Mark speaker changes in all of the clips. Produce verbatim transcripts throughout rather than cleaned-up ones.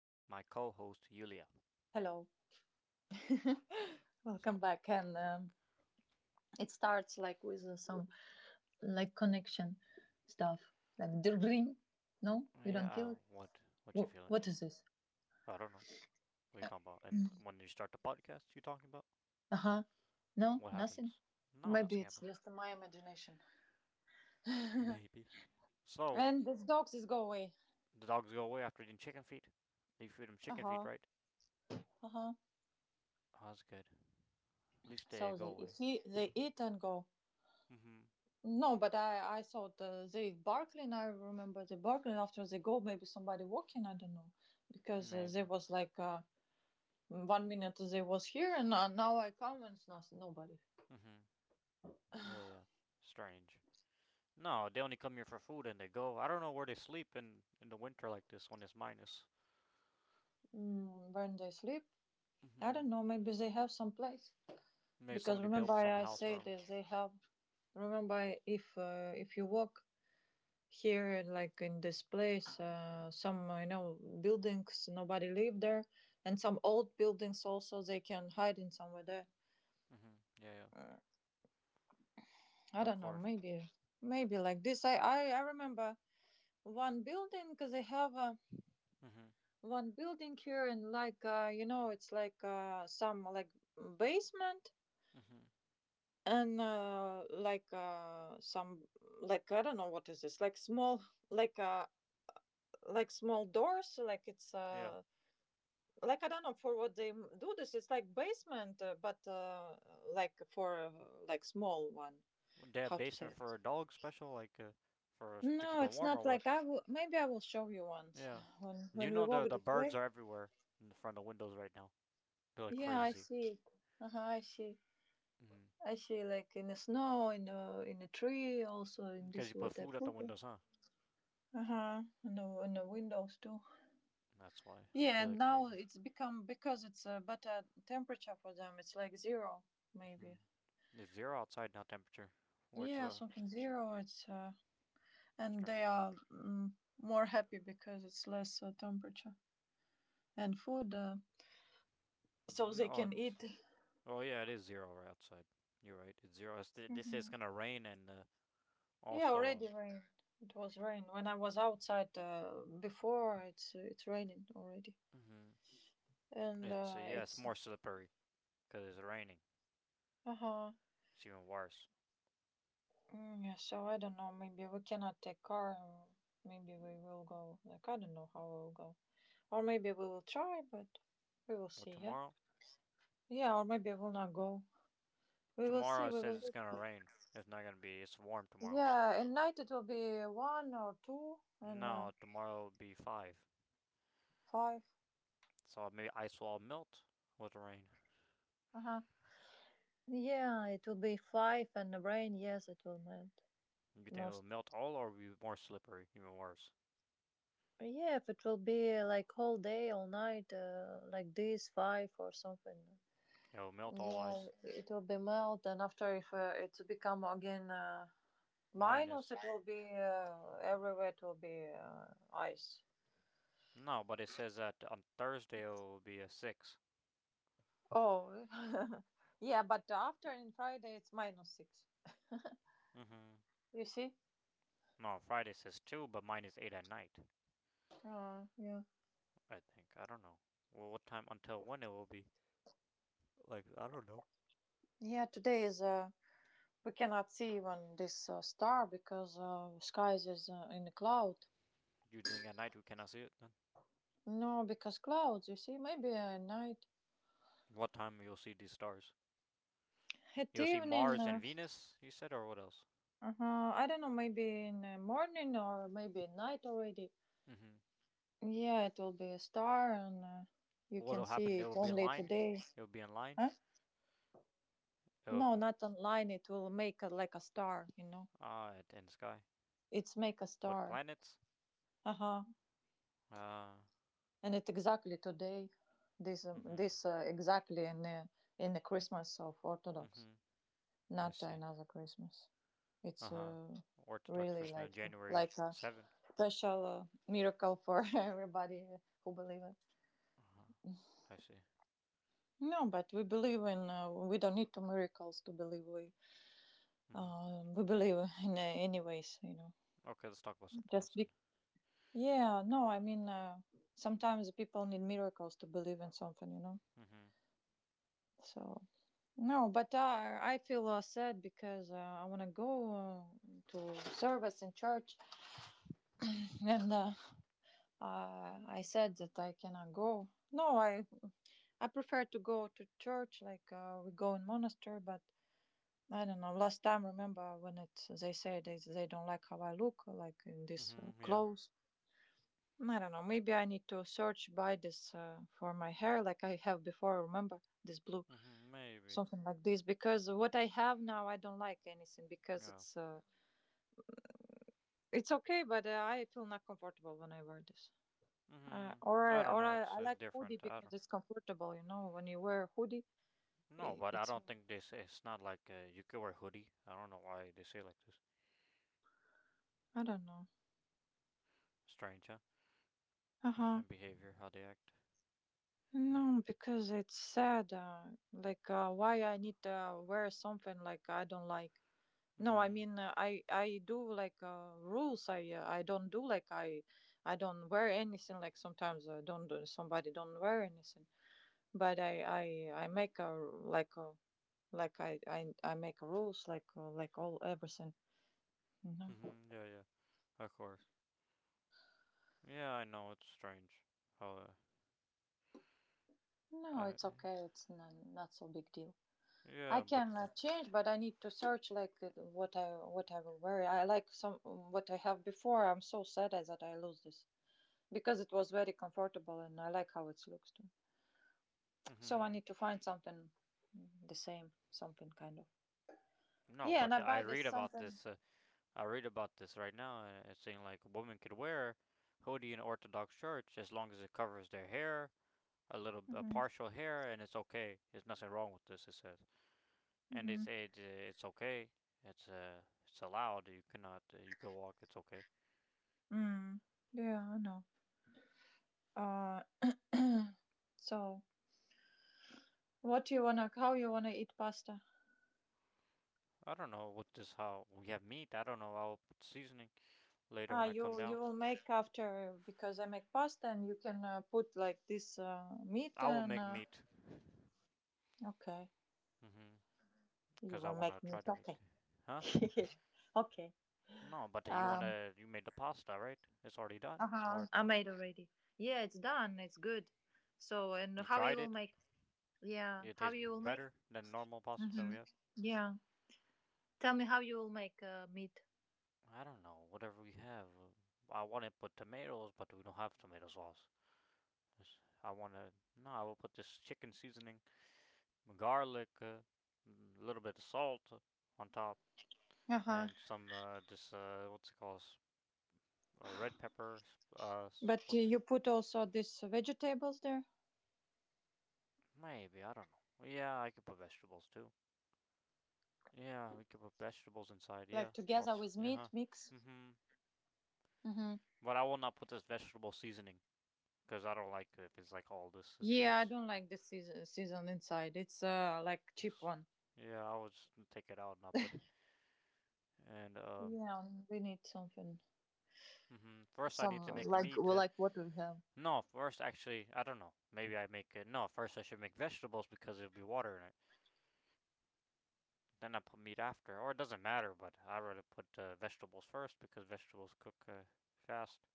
Speaker 1: with my co host, Yulia.
Speaker 2: Hello,
Speaker 1: So,
Speaker 2: welcome back. And um, It starts like with uh, some like connection stuff, like the ring. No, you
Speaker 1: yeah,
Speaker 2: don't
Speaker 1: I
Speaker 2: feel it.
Speaker 1: don't- what what you
Speaker 2: Wh-
Speaker 1: feeling?
Speaker 2: what is this?
Speaker 1: I don't know. What are you talking about? And when you start the podcast, you talking about?
Speaker 2: Uh huh. No,
Speaker 1: What
Speaker 2: nothing.
Speaker 1: happens? No,
Speaker 2: Maybe
Speaker 1: nothing
Speaker 2: it's
Speaker 1: happens.
Speaker 2: just my imagination.
Speaker 1: Maybe. So,
Speaker 2: And these dogs is go away.
Speaker 1: the dogs go away after eating chicken feet. They feed them
Speaker 2: Uh
Speaker 1: chicken feet,
Speaker 2: huh.
Speaker 1: right?
Speaker 2: Uh huh.
Speaker 1: Oh, that's good. At least they
Speaker 2: So
Speaker 1: go
Speaker 2: they
Speaker 1: away.
Speaker 2: if he, they eat and go.
Speaker 1: Mm hmm.
Speaker 2: No, but I I thought uh, they barking. I remember they barking after they go. Maybe somebody walking. I don't know because uh, there
Speaker 1: Maybe.
Speaker 2: was like. Uh, One minute they was here, and uh, now I come and it's nothing, nobody.
Speaker 1: Mm hmm. Yeah, yeah. Strange. No, they only come here for food and they go. I don't know where they sleep in, in the winter like this when it's minus.
Speaker 2: Mm, when they sleep, I
Speaker 1: Hmm.
Speaker 2: don't know. Maybe they have some place
Speaker 1: Maybe
Speaker 2: because
Speaker 1: somebody
Speaker 2: remember
Speaker 1: built
Speaker 2: I
Speaker 1: some
Speaker 2: I
Speaker 1: house
Speaker 2: say
Speaker 1: for them.
Speaker 2: that they have. Remember I- if uh, if you walk here like in this place, uh, some you know buildings nobody live there, and some old buildings also they can hide in somewhere there.
Speaker 1: Hmm. Yeah, yeah.
Speaker 2: Uh, I
Speaker 1: Of
Speaker 2: don't know.
Speaker 1: course.
Speaker 2: Maybe maybe like this. I I, I remember one building because they have. Um,
Speaker 1: Hmm.
Speaker 2: one building here, and like uh, you know it's like uh, some like basement,
Speaker 1: Hmm.
Speaker 2: and uh, like uh, some like i don't know what is this, like small, like uh like small doors, like it's
Speaker 1: Yeah.
Speaker 2: uh like i don't know for what they m- do this, it's like basement, uh, but uh like for uh, like small one,
Speaker 1: Would they
Speaker 2: how
Speaker 1: have
Speaker 2: to say
Speaker 1: basement
Speaker 2: it?
Speaker 1: for a dog special, like uh, for us to keep
Speaker 2: No,
Speaker 1: them
Speaker 2: it's
Speaker 1: warm or
Speaker 2: not like
Speaker 1: what?
Speaker 2: i will, maybe i will show you once
Speaker 1: Yeah.
Speaker 2: when
Speaker 1: You
Speaker 2: when we
Speaker 1: know,
Speaker 2: walk
Speaker 1: the the
Speaker 2: this
Speaker 1: birds
Speaker 2: way.
Speaker 1: are everywhere in the front of the windows right now. They're like
Speaker 2: Yeah, i
Speaker 1: crazy.
Speaker 2: see it. Uh-huh, i see.
Speaker 1: Hmm.
Speaker 2: I see, like in the snow, in the in the tree, also in
Speaker 1: Because
Speaker 2: this
Speaker 1: you put
Speaker 2: what I
Speaker 1: food at the
Speaker 2: put. Uh
Speaker 1: windows, huh?
Speaker 2: huh. And the, and the windows too.
Speaker 1: That's why
Speaker 2: Yeah,
Speaker 1: they
Speaker 2: and
Speaker 1: look
Speaker 2: now
Speaker 1: crazy.
Speaker 2: it's become because it's a better temperature for them. It's like zero, maybe.
Speaker 1: Hmm. It's zero outside now temperature, where it's
Speaker 2: Yeah,
Speaker 1: uh,
Speaker 2: something zero. It's uh, and they
Speaker 1: Strange.
Speaker 2: are, mm, more happy because it's less uh, temperature and food, uh, so they
Speaker 1: No,
Speaker 2: can
Speaker 1: it's.
Speaker 2: eat.
Speaker 1: Oh yeah, it is zero right outside. You're right. It's zero. It's, th- this is
Speaker 2: Hmm.
Speaker 1: gonna rain and uh,
Speaker 2: Yeah,
Speaker 1: also.
Speaker 2: already rain. It was rain when I was outside uh, before. It's it's raining already,
Speaker 1: um. Hmm.
Speaker 2: and
Speaker 1: It's uh,
Speaker 2: uh,
Speaker 1: yeah, it's
Speaker 2: it's.
Speaker 1: more slippery because it's raining.
Speaker 2: Uh-huh.
Speaker 1: It's even worse.
Speaker 2: Mm, yeah, so I don't know, maybe we cannot take car, and maybe we will go, like, I don't know how we'll go. Or maybe we will try, but we will
Speaker 1: Well,
Speaker 2: see, yeah?
Speaker 1: tomorrow.
Speaker 2: Yeah, or maybe we'll not go. We will
Speaker 1: Tomorrow
Speaker 2: see,
Speaker 1: it
Speaker 2: we
Speaker 1: says it's
Speaker 2: will.
Speaker 1: gonna rain. It's not gonna be. It's warm tomorrow.
Speaker 2: Yeah, at night it will be one or two, and uh,
Speaker 1: No, tomorrow will be five.
Speaker 2: five.
Speaker 1: So maybe ice will melt with the rain.
Speaker 2: Uh-huh. Yeah, it will be five and the rain, yes, it will melt
Speaker 1: You think it will
Speaker 2: most.
Speaker 1: melt all, or be more slippery, even worse.
Speaker 2: Yeah, if it will be like whole day, all night, uh, like this, five or something.
Speaker 1: It will melt all
Speaker 2: Yeah,
Speaker 1: ice.
Speaker 2: it will be melt, and after if uh, it become again uh, minus,
Speaker 1: Minus.
Speaker 2: it will be uh, everywhere. It will be uh, ice.
Speaker 1: No, but it says that on Thursday it will be a six.
Speaker 2: Oh, yeah, but after in Friday it's minus six.
Speaker 1: Mm-hmm.
Speaker 2: You see?
Speaker 1: No, Friday says two, but mine is eight at night,
Speaker 2: Uh, yeah.
Speaker 1: I think. I don't know. Well, what time until when it will be? Like, I don't know.
Speaker 2: Yeah, today is uh, we cannot see even this uh, star because uh, skies is uh, in the cloud.
Speaker 1: You think at night we cannot see it then?
Speaker 2: No, because clouds. You see, maybe at night,
Speaker 1: What time you'll see these stars?
Speaker 2: at
Speaker 1: You'll see
Speaker 2: evening.
Speaker 1: Mars
Speaker 2: Uh,
Speaker 1: and Venus, you said, or what else?
Speaker 2: uh I don't know. Maybe in the morning or maybe at night already.
Speaker 1: Mm-hmm.
Speaker 2: Yeah, it will be a star, and uh, you can
Speaker 1: What'll
Speaker 2: see
Speaker 1: happen? It
Speaker 2: it
Speaker 1: will be in
Speaker 2: only
Speaker 1: line.
Speaker 2: today.
Speaker 1: It will be in line.
Speaker 2: Huh?
Speaker 1: It will,
Speaker 2: No, not online. It will make a, like a star, you know.
Speaker 1: ah, it- in the sky.
Speaker 2: It's make a
Speaker 1: What
Speaker 2: star.
Speaker 1: planets?
Speaker 2: Uh huh.
Speaker 1: Uh,
Speaker 2: And it exactly today, this um,
Speaker 1: mm-hmm.
Speaker 2: this uh, exactly in uh, in the Christmas of Orthodox,
Speaker 1: Mm-hmm. I
Speaker 2: not
Speaker 1: see.
Speaker 2: another Christmas. It's
Speaker 1: Uh-huh.
Speaker 2: uh,
Speaker 1: Orthodox
Speaker 2: really
Speaker 1: Christmas,
Speaker 2: like
Speaker 1: January
Speaker 2: like a
Speaker 1: 7.
Speaker 2: special uh, miracle for everybody who believe it.
Speaker 1: Uh-huh. I see.
Speaker 2: No, but we believe in. Uh, we don't need two miracles to believe. we
Speaker 1: Mhm.
Speaker 2: um, we believe in uh, anyways, you know
Speaker 1: Okay, let's talk about something
Speaker 2: just
Speaker 1: else then.
Speaker 2: be. Yeah, no, i mean, uh, sometimes people need miracles to believe in something, you know
Speaker 1: Mhm.
Speaker 2: so. No, but uh, i feel uh, sad because uh, i want to go uh, to service in church and uh, uh, i said that i cannot go. No, i i prefer to go to church like uh, we go in monastery, but I don't know. Last time, remember when it they say they they don't like how I look, like in this uh,
Speaker 1: Mhm. Yeah.
Speaker 2: clothes. I don't know. Maybe I need to search by this, uh, for my hair, like I have before. Remember this blue,
Speaker 1: Mhm. Maybe.
Speaker 2: something like this. Because what I have now, I don't like anything because
Speaker 1: Yeah.
Speaker 2: it's uh, it's okay, but uh, I feel not comfortable when I wear this. Uh,
Speaker 1: Mhm.
Speaker 2: or
Speaker 1: I
Speaker 2: I
Speaker 1: don't
Speaker 2: or
Speaker 1: know.
Speaker 2: I,
Speaker 1: It's
Speaker 2: I
Speaker 1: uh,
Speaker 2: like hoodie
Speaker 1: different. I
Speaker 2: because
Speaker 1: don't.
Speaker 2: it's comfortable. You know, when you wear a hoodie,
Speaker 1: No,
Speaker 2: i
Speaker 1: but I
Speaker 2: it's
Speaker 1: don't think they say it's not like uh, you could wear hoodie. I don't know why they say it like this.
Speaker 2: I don't know.
Speaker 1: Strange, huh?
Speaker 2: Uh huh.
Speaker 1: Uh, behavior, how they act.
Speaker 2: No, because it's sad. Uh, like uh, why I need to wear something like I don't like. No, I
Speaker 1: Mhm.
Speaker 2: mean uh, I I do like uh, rules. I uh, I don't do like I I don't wear anything. Like sometimes uh, don't do- somebody don't wear anything. But I I I make a like a like I I I make rules like uh, like all everything. No,
Speaker 1: Mhm. Yeah. Yeah. Of course. Yeah, I know it's strange. How. Uh,
Speaker 2: no,
Speaker 1: I.
Speaker 2: it's okay. It's not not so big deal. I
Speaker 1: Yeah, but.
Speaker 2: can
Speaker 1: Uh,
Speaker 2: uh, change, but I need to search like uh, what I what I will wear. I like some what I have before. I'm so sad that I lose this because it was very comfortable, and I like how it looks too. So I
Speaker 1: mhm.
Speaker 2: need to find something, mm, the same, something kind of.
Speaker 1: No,
Speaker 2: Yeah, and I
Speaker 1: but I
Speaker 2: buy this
Speaker 1: read about
Speaker 2: something.
Speaker 1: this. Uh, I read about this right now, and it's saying like women could wear hoodie in Orthodox Church as long as it covers their hair, a little a
Speaker 2: Mm-hmm.
Speaker 1: partial hair, and it's okay. There's nothing wrong with this. It says, and
Speaker 2: Mm-hmm.
Speaker 1: it's it, it's okay. It's uh it's allowed. You cannot uh, you can walk. It's okay.
Speaker 2: Mm. Yeah, I know. Uh, so what you wanna? How you wanna eat pasta?
Speaker 1: I don't know what this how we have meat. I don't know. I'll put seasoning later
Speaker 2: Ah,
Speaker 1: when I come
Speaker 2: you
Speaker 1: down.
Speaker 2: you will make after because I make pasta, and you can uh, put like this uh, meat
Speaker 1: I will
Speaker 2: and
Speaker 1: make
Speaker 2: uh,
Speaker 1: meat.
Speaker 2: okay,
Speaker 1: Mhm.
Speaker 2: you
Speaker 1: Cause I
Speaker 2: will
Speaker 1: wanna
Speaker 2: make
Speaker 1: try
Speaker 2: meat.
Speaker 1: to
Speaker 2: Okay,
Speaker 1: make. Huh?
Speaker 2: okay.
Speaker 1: No, but you
Speaker 2: Um,
Speaker 1: wanna you made the pasta, right? It's already done,
Speaker 2: uh huh.
Speaker 1: or
Speaker 2: I made already. Yeah, it's done. It's good. So and
Speaker 1: you
Speaker 2: how you
Speaker 1: tried
Speaker 2: will
Speaker 1: it.
Speaker 2: make? Yeah,
Speaker 1: It
Speaker 2: how
Speaker 1: tastes
Speaker 2: you will make?
Speaker 1: better than normal pasta that
Speaker 2: Hmm.
Speaker 1: we have.
Speaker 2: Yeah. Tell me how you will make uh, meat.
Speaker 1: I don't know. Whatever we have, uh, I want to put tomatoes, but we don't have tomato sauce. Yes, I want to. No, I will put this chicken seasoning, garlic, a uh, little bit of salt on top,
Speaker 2: Uh huh.
Speaker 1: and some uh, this uh, what's it called? S- Uh, red pepper. s- Uh,
Speaker 2: But you
Speaker 1: what's
Speaker 2: you put also these vegetables there,
Speaker 1: maybe I don't know. Yeah, I could put vegetables too. Yeah, we could put vegetables inside. Yeah,
Speaker 2: like together
Speaker 1: also,
Speaker 2: with
Speaker 1: uh huh.
Speaker 2: meat mix.
Speaker 1: Mhm.
Speaker 2: Mm-hmm.
Speaker 1: But I will not put this vegetable seasoning because I don't like it if it's like all this is too
Speaker 2: Yeah, I
Speaker 1: much.
Speaker 2: don't like the season season inside. It's uh like cheap one.
Speaker 1: Yeah, I will just take it out and not put it. And um,
Speaker 2: Yeah, we need something,
Speaker 1: hmm, first I
Speaker 2: some
Speaker 1: need to make
Speaker 2: like,
Speaker 1: meat.
Speaker 2: well,
Speaker 1: uh,
Speaker 2: like what we have.
Speaker 1: No, first actually I don't know. Maybe I make it. No, first I should make vegetables because there'll be water in it. Then I put meat after, or it doesn't matter. But I rather put uh, vegetables first because vegetables cook uh, fast.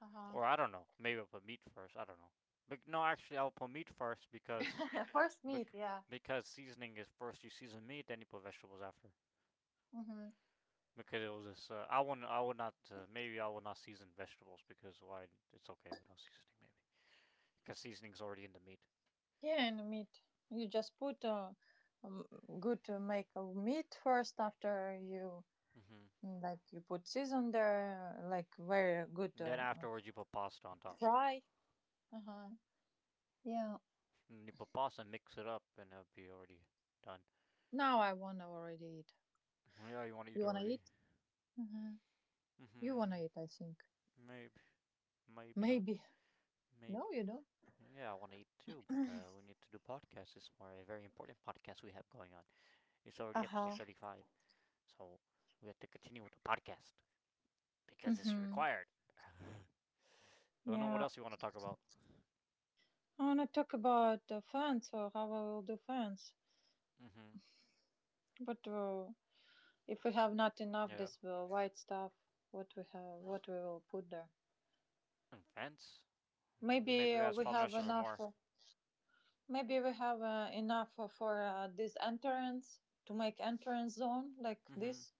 Speaker 2: Uh huh.
Speaker 1: Or I don't know. Maybe I'll put meat first. I don't know. But no, actually, I'll put meat first because
Speaker 2: First meat,
Speaker 1: bec-
Speaker 2: yeah.
Speaker 1: because seasoning is first. You season meat, then you put vegetables after.
Speaker 2: Mm-hmm.
Speaker 1: Because it was this. Uh, I wouldn't. I would not. Uh, maybe I would not season vegetables because why? It's okay without seasoning. Maybe because seasoning's already in the meat.
Speaker 2: Yeah, and meat. You just put uh, um, good to make a meat first after you.
Speaker 1: Hmm.
Speaker 2: Like you put season there, like very good
Speaker 1: Then
Speaker 2: uh, uh,
Speaker 1: afterwards, you put pasta on top.
Speaker 2: fry. Uh huh. Yeah.
Speaker 1: And you put pasta, and mix it up, and it'll be already done.
Speaker 2: Now I wanna already eat.
Speaker 1: Yeah, you want to
Speaker 2: You
Speaker 1: eat
Speaker 2: wanna
Speaker 1: already.
Speaker 2: eat? Uh huh. You wanna
Speaker 1: Hmm.
Speaker 2: eat? I think.
Speaker 1: Maybe. Maybe not.
Speaker 2: Maybe. No,
Speaker 1: Maybe.
Speaker 2: you don't.
Speaker 1: Yeah, I want to eat too, but uh, we need to do podcast this more. A very important podcast we have going on. It's
Speaker 2: Uh
Speaker 1: already episode
Speaker 2: huh.
Speaker 1: thirty-five, so we have to continue with the podcast
Speaker 2: Mm
Speaker 1: because it's
Speaker 2: hmm.
Speaker 1: required. I don't know what
Speaker 2: Yeah.
Speaker 1: else you want to talk about.
Speaker 2: I wanna talk about uh, fans, or how I will do fans.
Speaker 1: Mm-hmm.
Speaker 2: But uh, if we have not enough
Speaker 1: Yeah.
Speaker 2: this uh, white stuff, what we have, what we will put there?
Speaker 1: And fence.
Speaker 2: Maybe
Speaker 1: Maybe we
Speaker 2: uh,
Speaker 1: ask
Speaker 2: we
Speaker 1: Father
Speaker 2: have
Speaker 1: Nestor for
Speaker 2: enough.
Speaker 1: more.
Speaker 2: Uh, Maybe we have uh, enough uh, for uh, this entrance, to make entrance zone like
Speaker 1: Mm-hmm.
Speaker 2: this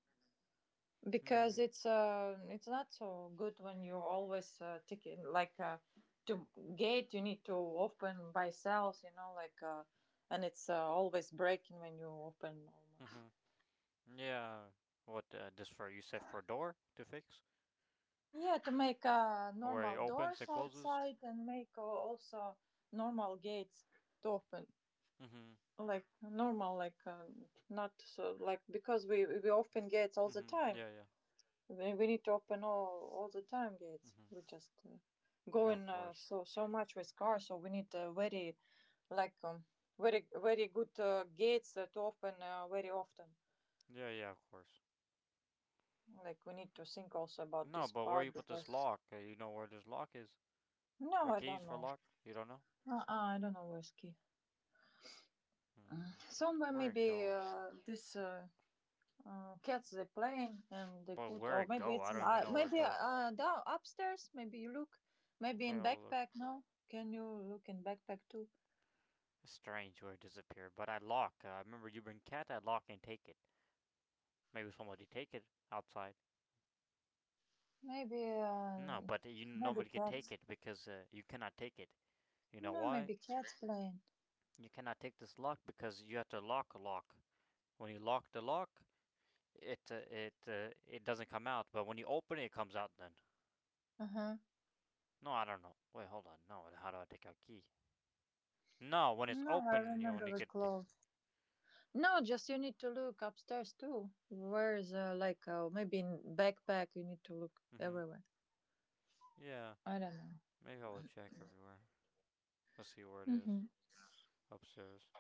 Speaker 2: because
Speaker 1: Maybe.
Speaker 2: it's uh, it's not so good when you're always uh, taking like uh, to gate you need to open by cells, you know like uh, and it's uh, always breaking when you open almost.
Speaker 1: Mm-hmm. Yeah. What uh, this for? You said for a door to fix,
Speaker 2: Yeah, to make uh,
Speaker 1: where it
Speaker 2: normal
Speaker 1: opens
Speaker 2: doors
Speaker 1: and closes.
Speaker 2: outside, and make uh, also normal gates to open
Speaker 1: Mm-hmm.
Speaker 2: like normal, like uh, not so like, because we we open gates all the
Speaker 1: Mm-hmm.
Speaker 2: time.
Speaker 1: Yeah, yeah.
Speaker 2: We we need to open all all the time gates.
Speaker 1: Mm-hmm.
Speaker 2: We just uh,
Speaker 1: Yeah, of
Speaker 2: going uh,
Speaker 1: course.
Speaker 2: so so much with cars, so we need uh, very like um, very very good uh, gates uh, to open uh, very often.
Speaker 1: Yeah, yeah, of course.
Speaker 2: Like we need to think also about
Speaker 1: No,
Speaker 2: this
Speaker 1: but where you
Speaker 2: part
Speaker 1: put this
Speaker 2: because
Speaker 1: lock? Uh, you know where this lock is?
Speaker 2: no,
Speaker 1: For
Speaker 2: I
Speaker 1: keys,
Speaker 2: don't
Speaker 1: for
Speaker 2: know.
Speaker 1: lock? You don't know?
Speaker 2: Uh, uh, I don't know whiskey.
Speaker 1: Hmm.
Speaker 2: Somewhere
Speaker 1: Where it
Speaker 2: maybe
Speaker 1: go?
Speaker 2: uh, this uh, uh, cats they playing and they
Speaker 1: But
Speaker 2: put,
Speaker 1: where
Speaker 2: or
Speaker 1: it
Speaker 2: maybe
Speaker 1: go?
Speaker 2: it's
Speaker 1: I don't even
Speaker 2: uh,
Speaker 1: know where it
Speaker 2: maybe
Speaker 1: go.
Speaker 2: uh, down upstairs. Maybe you look maybe in
Speaker 1: Well, look.
Speaker 2: backpack. No, can you look in backpack too?
Speaker 1: It's strange where it disappeared. But I lock. Uh, I remember you bring cat that lock and take it. Maybe somebody take it outside.
Speaker 2: Maybe, uh,
Speaker 1: No, but you
Speaker 2: maybe
Speaker 1: nobody could take
Speaker 2: cats.
Speaker 1: it because uh, you cannot take it. You know
Speaker 2: No,
Speaker 1: why?
Speaker 2: maybe cats playing.
Speaker 1: You cannot take this lock because you have to lock a lock. When you lock the lock, it uh, it uh, it doesn't come out, but when you open it, it comes out. Then
Speaker 2: Uh huh.
Speaker 1: no, I don't know. Wait, hold on. No, how do I take out key? No, when it's
Speaker 2: No, I
Speaker 1: open, you only
Speaker 2: remember it
Speaker 1: get. The...
Speaker 2: close. No, just you need to look upstairs too. Where's uh, like uh, maybe in backpack? You need to look
Speaker 1: Mhm.
Speaker 2: everywhere.
Speaker 1: Yeah.
Speaker 2: I don't know.
Speaker 1: Maybe I will check everywhere. Let's see where it is.
Speaker 2: Mm-hmm.
Speaker 1: Upstairs.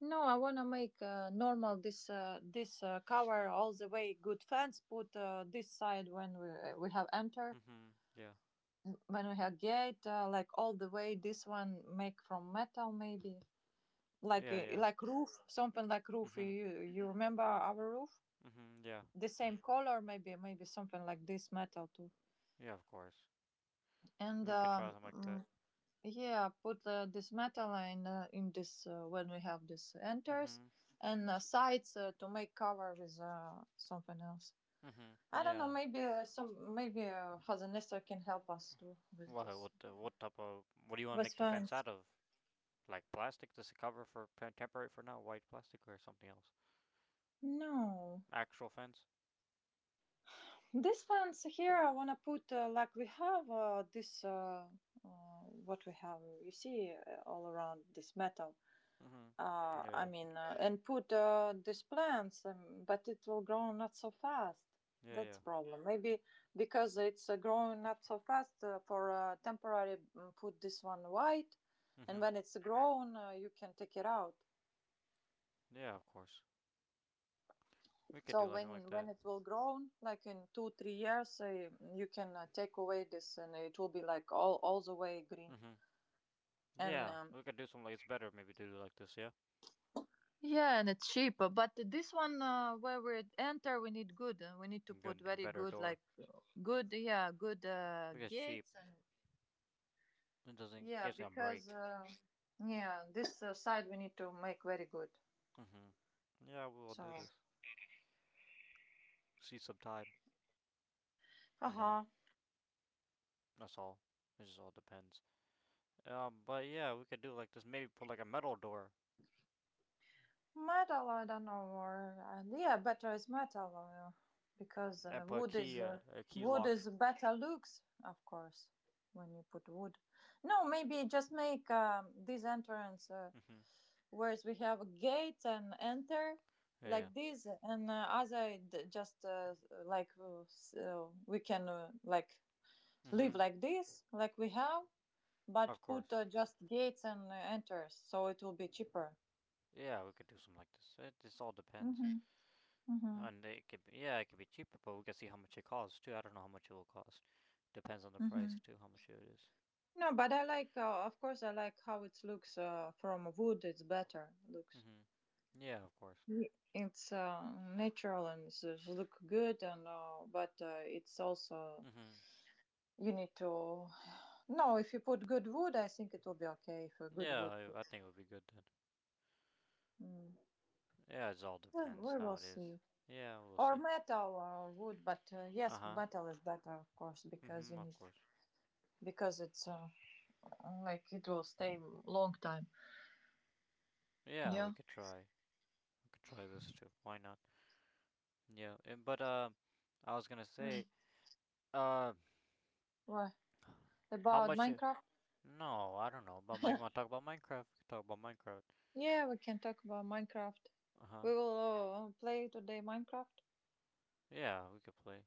Speaker 2: No, I wanna make uh, normal this uh, this uh, cover all the way. Good fence, put uh, this side when we uh, we have enter,
Speaker 1: Mhm. Yeah.
Speaker 2: when we have gate uh, like all the way. This one make from metal, maybe like
Speaker 1: Yeah.
Speaker 2: a-
Speaker 1: Yeah.
Speaker 2: like roof, something like roof.
Speaker 1: Mhm.
Speaker 2: You, you remember our roof?
Speaker 1: Mhm. Yeah.
Speaker 2: The
Speaker 1: Uh,
Speaker 2: same color, maybe maybe something like this metal too.
Speaker 1: yeah. Of course.
Speaker 2: And
Speaker 1: We could try
Speaker 2: um
Speaker 1: something like that.
Speaker 2: mm, yeah, put uh, this metal in uh, in this uh, when we have this enters.
Speaker 1: Mhm.
Speaker 2: And uh, sides uh, to make cover with uh, something else.
Speaker 1: Mhm.
Speaker 2: I don't know,
Speaker 1: Yeah.
Speaker 2: maybe uh, some, maybe uh, Father Nestor can help us too with
Speaker 1: What?
Speaker 2: this,
Speaker 1: What? Uh, what type of? What do you want to
Speaker 2: with
Speaker 1: make the fence
Speaker 2: fence.
Speaker 1: out of? Like plastic? Just a cover for temporary for now? White plastic or something else?
Speaker 2: No,
Speaker 1: Actual fence?
Speaker 2: these fans here, I wanna put uh, like we have uh, this uh, uh, what we have. You see uh, all around this metal.
Speaker 1: Hmm.
Speaker 2: Uh,
Speaker 1: Yeah,
Speaker 2: I
Speaker 1: yeah.
Speaker 2: mean, uh, and put uh, these plants, um, but it will grow not so fast. That's
Speaker 1: Yeah,
Speaker 2: problem. Maybe because it's uh, growing not so fast uh, for uh, temporary. mm, Put this one white,
Speaker 1: yeah.
Speaker 2: and
Speaker 1: Hmm.
Speaker 2: when it's grown, uh, you can take it out.
Speaker 1: Yeah, of course. We could
Speaker 2: So
Speaker 1: do like something like
Speaker 2: when when
Speaker 1: that.
Speaker 2: it will grown, like in two three years, uh, you can uh, take away this, and it will be like all all the way green.
Speaker 1: Hmm.
Speaker 2: And
Speaker 1: Yeah,
Speaker 2: um,
Speaker 1: we could do something like it's better maybe to do like this, yeah?
Speaker 2: Yeah, and it's cheaper. But this one uh, where we enter, we need good. uh, We need to put
Speaker 1: Good,
Speaker 2: very
Speaker 1: better
Speaker 2: good,
Speaker 1: door.
Speaker 2: like good, yeah, good uh,
Speaker 1: Because cheap.
Speaker 2: gates and
Speaker 1: It doesn't,
Speaker 2: yeah,
Speaker 1: it's gonna
Speaker 2: because
Speaker 1: break.
Speaker 2: uh, yeah, this uh, side we need to make very good.
Speaker 1: Hmm. Yeah, we will
Speaker 2: So,
Speaker 1: do this. See some time, you know.
Speaker 2: haha.
Speaker 1: That's all. It just all depends. Um, but yeah, we could do like this. Maybe put like a metal door
Speaker 2: Metal, I don't know, or uh, yeah, better is metal, uh, because uh,
Speaker 1: and put a
Speaker 2: wood is
Speaker 1: key, uh,
Speaker 2: uh,
Speaker 1: a key
Speaker 2: wood
Speaker 1: lock.
Speaker 2: is better looks, of course, when you put wood. No, maybe just make um, this entrance, uh,
Speaker 1: Hmm.
Speaker 2: whereas we have a gate and enter
Speaker 1: Yeah,
Speaker 2: like this, and uh, other d- just uh, like uh, s- uh, we can uh, like
Speaker 1: yeah.
Speaker 2: live
Speaker 1: Hmm.
Speaker 2: like this, like we have, but
Speaker 1: Of
Speaker 2: put
Speaker 1: course.
Speaker 2: uh, just gates and uh, enters, so it will be cheaper.
Speaker 1: Yeah, we could do something like this. It just all depends.
Speaker 2: Mm-hmm. Mm-hmm.
Speaker 1: And it could be, yeah, it could be cheaper, but we could see how much it costs too. I don't know how much it will cost. Depends on the price
Speaker 2: Mm-hmm.
Speaker 1: too, how much it is.
Speaker 2: No, but I like, uh, of course, I like how it looks uh, from wood. It's better looks.
Speaker 1: Mm-hmm. Yeah, of course.
Speaker 2: Ye- It's uh, natural and it's, it's look good, and uh, but uh, it's also
Speaker 1: Mm-hmm.
Speaker 2: you need to. No, if you put good wood, I think it will be okay. If a good
Speaker 1: Yeah,
Speaker 2: wood put,
Speaker 1: I, I think it would be good then.
Speaker 2: mm.
Speaker 1: Yeah, it all
Speaker 2: Yeah,
Speaker 1: depends
Speaker 2: we
Speaker 1: how
Speaker 2: will
Speaker 1: it is.
Speaker 2: see.
Speaker 1: Yeah, we'll
Speaker 2: Or
Speaker 1: see.
Speaker 2: metal or wood, but uh, yes,
Speaker 1: Uh-huh.
Speaker 2: metal is better, of course, because
Speaker 1: Mm-hmm,
Speaker 2: you
Speaker 1: of
Speaker 2: need
Speaker 1: course.
Speaker 2: because it's uh, like it will stay long time.
Speaker 1: Yeah, we
Speaker 2: Yeah.
Speaker 1: could try. We could try this too. Why not? Yeah, and, but, uh, I was gonna
Speaker 2: Mm.
Speaker 1: say, uh,
Speaker 2: What
Speaker 1: how
Speaker 2: about
Speaker 1: much, uh,
Speaker 2: Minecraft?
Speaker 1: no, I don't know, about mine, you wanna talk about Minecraft? We could talk about Minecraft.
Speaker 2: Yeah, we can talk about Minecraft.
Speaker 1: Uh huh.
Speaker 2: We will uh, play today Minecraft.
Speaker 1: Yeah, we could play.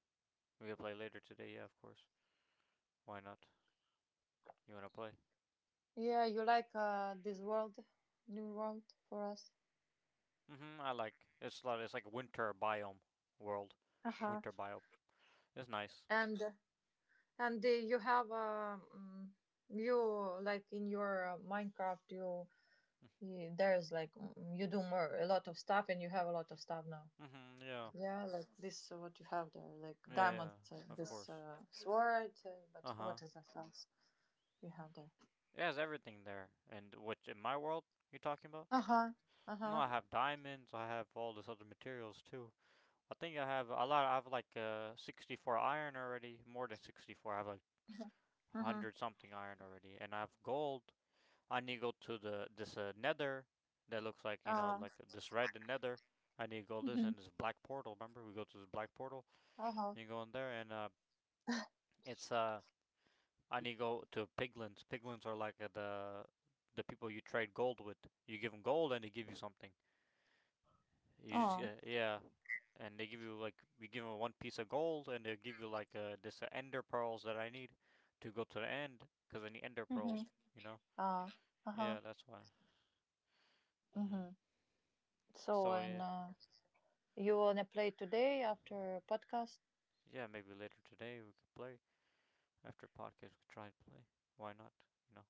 Speaker 1: We could play later today. Yeah, of course. Why not? You wanna play?
Speaker 2: Yeah, you like uh, this world, new world for us.
Speaker 1: Mhm. I like. It's like it's like winter biome world.
Speaker 2: Uh-huh.
Speaker 1: Winter biome. It's nice.
Speaker 2: And uh, and uh, you have um you like in your uh, Minecraft you, you there's like mm, you do more a lot of stuff and you have a lot of stuff now.
Speaker 1: Mhm. Yeah.
Speaker 2: Yeah, like this uh, what you have there, like
Speaker 1: Yeah.
Speaker 2: diamond,
Speaker 1: Yeah.
Speaker 2: uh,
Speaker 1: Of
Speaker 2: this
Speaker 1: course.
Speaker 2: uh, sword, uh, but
Speaker 1: Uh huh.
Speaker 2: what is that else you have there?
Speaker 1: It has everything there. And which in my world you talking about?
Speaker 2: Uh huh. Uh
Speaker 1: No,
Speaker 2: huh.
Speaker 1: I have diamonds. I have all this other materials too. I think I have a lot. I have like uh, sixty-four iron already. More than sixty-four. I have like
Speaker 2: Uh
Speaker 1: one hundred something iron already, and I have gold. I need to go to the this uh, nether that looks like you know
Speaker 2: huh.
Speaker 1: like this red the nether. I need to go this and this black portal. Remember, we go to this black portal
Speaker 2: Uh huh.
Speaker 1: and you go in there, and uh, it's uh, I need to go to piglins. Piglins are like uh, the the people you trade gold with. You give them gold and they give you something. You just
Speaker 2: Oh.
Speaker 1: uh, yeah, and they give you like we give them one piece of gold and they give you like uh, this uh, ender pearls that I need to go to the end because I need ender
Speaker 2: Mm-hmm.
Speaker 1: pearls. You know.
Speaker 2: Ah, uh-huh.
Speaker 1: Yeah, that's why. Hmm.
Speaker 2: Mm-hmm. So,
Speaker 1: So
Speaker 2: and
Speaker 1: yeah.
Speaker 2: uh, you wanna play today after podcast?
Speaker 1: Yeah, maybe later today we could play. After podcast, we could try and play. Why not? You know,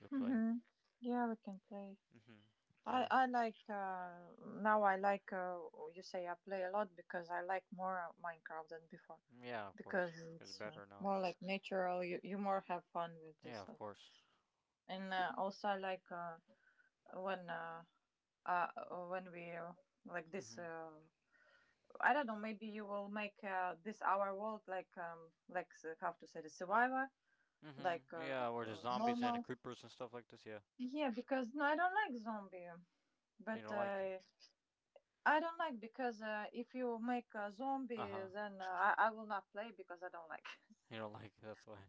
Speaker 1: We'll play.
Speaker 2: Mm-hmm. Yeah, we can play.
Speaker 1: Mhm.
Speaker 2: I
Speaker 1: Yeah.
Speaker 2: I like uh, now. I like uh, you say I play a lot because I like more uh, Minecraft than before
Speaker 1: Yeah, of course.
Speaker 2: because
Speaker 1: It's
Speaker 2: it's uh,
Speaker 1: better now.
Speaker 2: more like natural. You you more have fun with
Speaker 1: Yeah,
Speaker 2: this
Speaker 1: of
Speaker 2: like,
Speaker 1: course.
Speaker 2: and uh, also I like uh, when uh, uh when we uh, like this
Speaker 1: Mhm.
Speaker 2: uh, I don't know. Maybe you will make uh, this our world like um like uh, how to say the survivor
Speaker 1: Mhm.
Speaker 2: like uh,
Speaker 1: Yeah, where there's
Speaker 2: uh,
Speaker 1: zombies and
Speaker 2: normal.
Speaker 1: creepers and stuff like this. Yeah.
Speaker 2: Yeah, because no, I don't like zombie.
Speaker 1: You
Speaker 2: But
Speaker 1: don't like?
Speaker 2: uh, I don't like because uh, if you make a
Speaker 1: Uh
Speaker 2: zombie,
Speaker 1: huh.
Speaker 2: then uh, I, I will not play because I don't like.
Speaker 1: You don't like? That's why.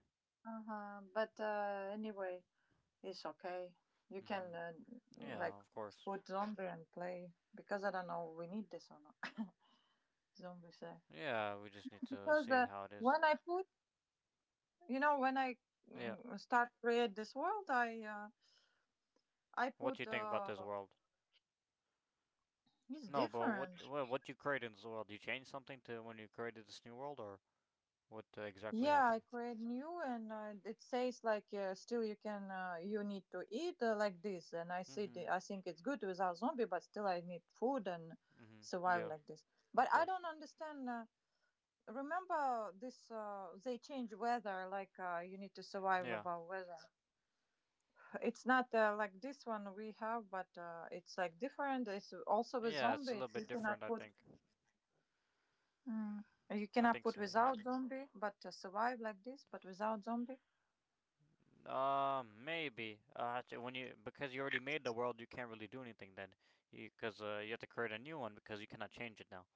Speaker 2: Uh huh. But uh, anyway, it's okay. You can
Speaker 1: Mhm.
Speaker 2: uh,
Speaker 1: Yeah,
Speaker 2: like
Speaker 1: of course.
Speaker 2: put zombie and play because I don't know we need this or not. zombie. Uh,
Speaker 1: Yeah, we just need to
Speaker 2: because
Speaker 1: see
Speaker 2: uh,
Speaker 1: how it is.
Speaker 2: when I put You know, when I
Speaker 1: Yeah.
Speaker 2: mm, start create this world, I uh, I
Speaker 1: What do you
Speaker 2: put
Speaker 1: think about this
Speaker 2: uh,
Speaker 1: world?
Speaker 2: it's
Speaker 1: No, but what
Speaker 2: different.
Speaker 1: what what you created in this world? You changed something to when you created this new world, or what uh, exactly
Speaker 2: Yeah, I
Speaker 1: happened?
Speaker 2: create new, and uh, it says like uh, still you can uh, you need to eat uh, like this, and I see the,
Speaker 1: Mhm.
Speaker 2: I think it's good without zombie, but still I need food and
Speaker 1: Mhm.
Speaker 2: survive
Speaker 1: Yeah,
Speaker 2: like this. But
Speaker 1: of
Speaker 2: I
Speaker 1: course.
Speaker 2: don't understand. Uh, remember this? Uh, they change weather, like uh, you need to survive
Speaker 1: Yeah.
Speaker 2: about weather. It's not uh, like this one we have, but uh, it's like different. It's also with
Speaker 1: Yeah, it's a little
Speaker 2: zombies. You
Speaker 1: bit different,
Speaker 2: cannot
Speaker 1: I
Speaker 2: put.
Speaker 1: think.
Speaker 2: Mm. You
Speaker 1: I
Speaker 2: cannot
Speaker 1: think
Speaker 2: put
Speaker 1: so, yeah.
Speaker 2: without zombie, but uh, survive like this, but without zombie.
Speaker 1: Uh, maybe. Uh, actu- when you, because you already made the world, you can't really do anything then, because uh, you have to create a new one because you cannot change it now.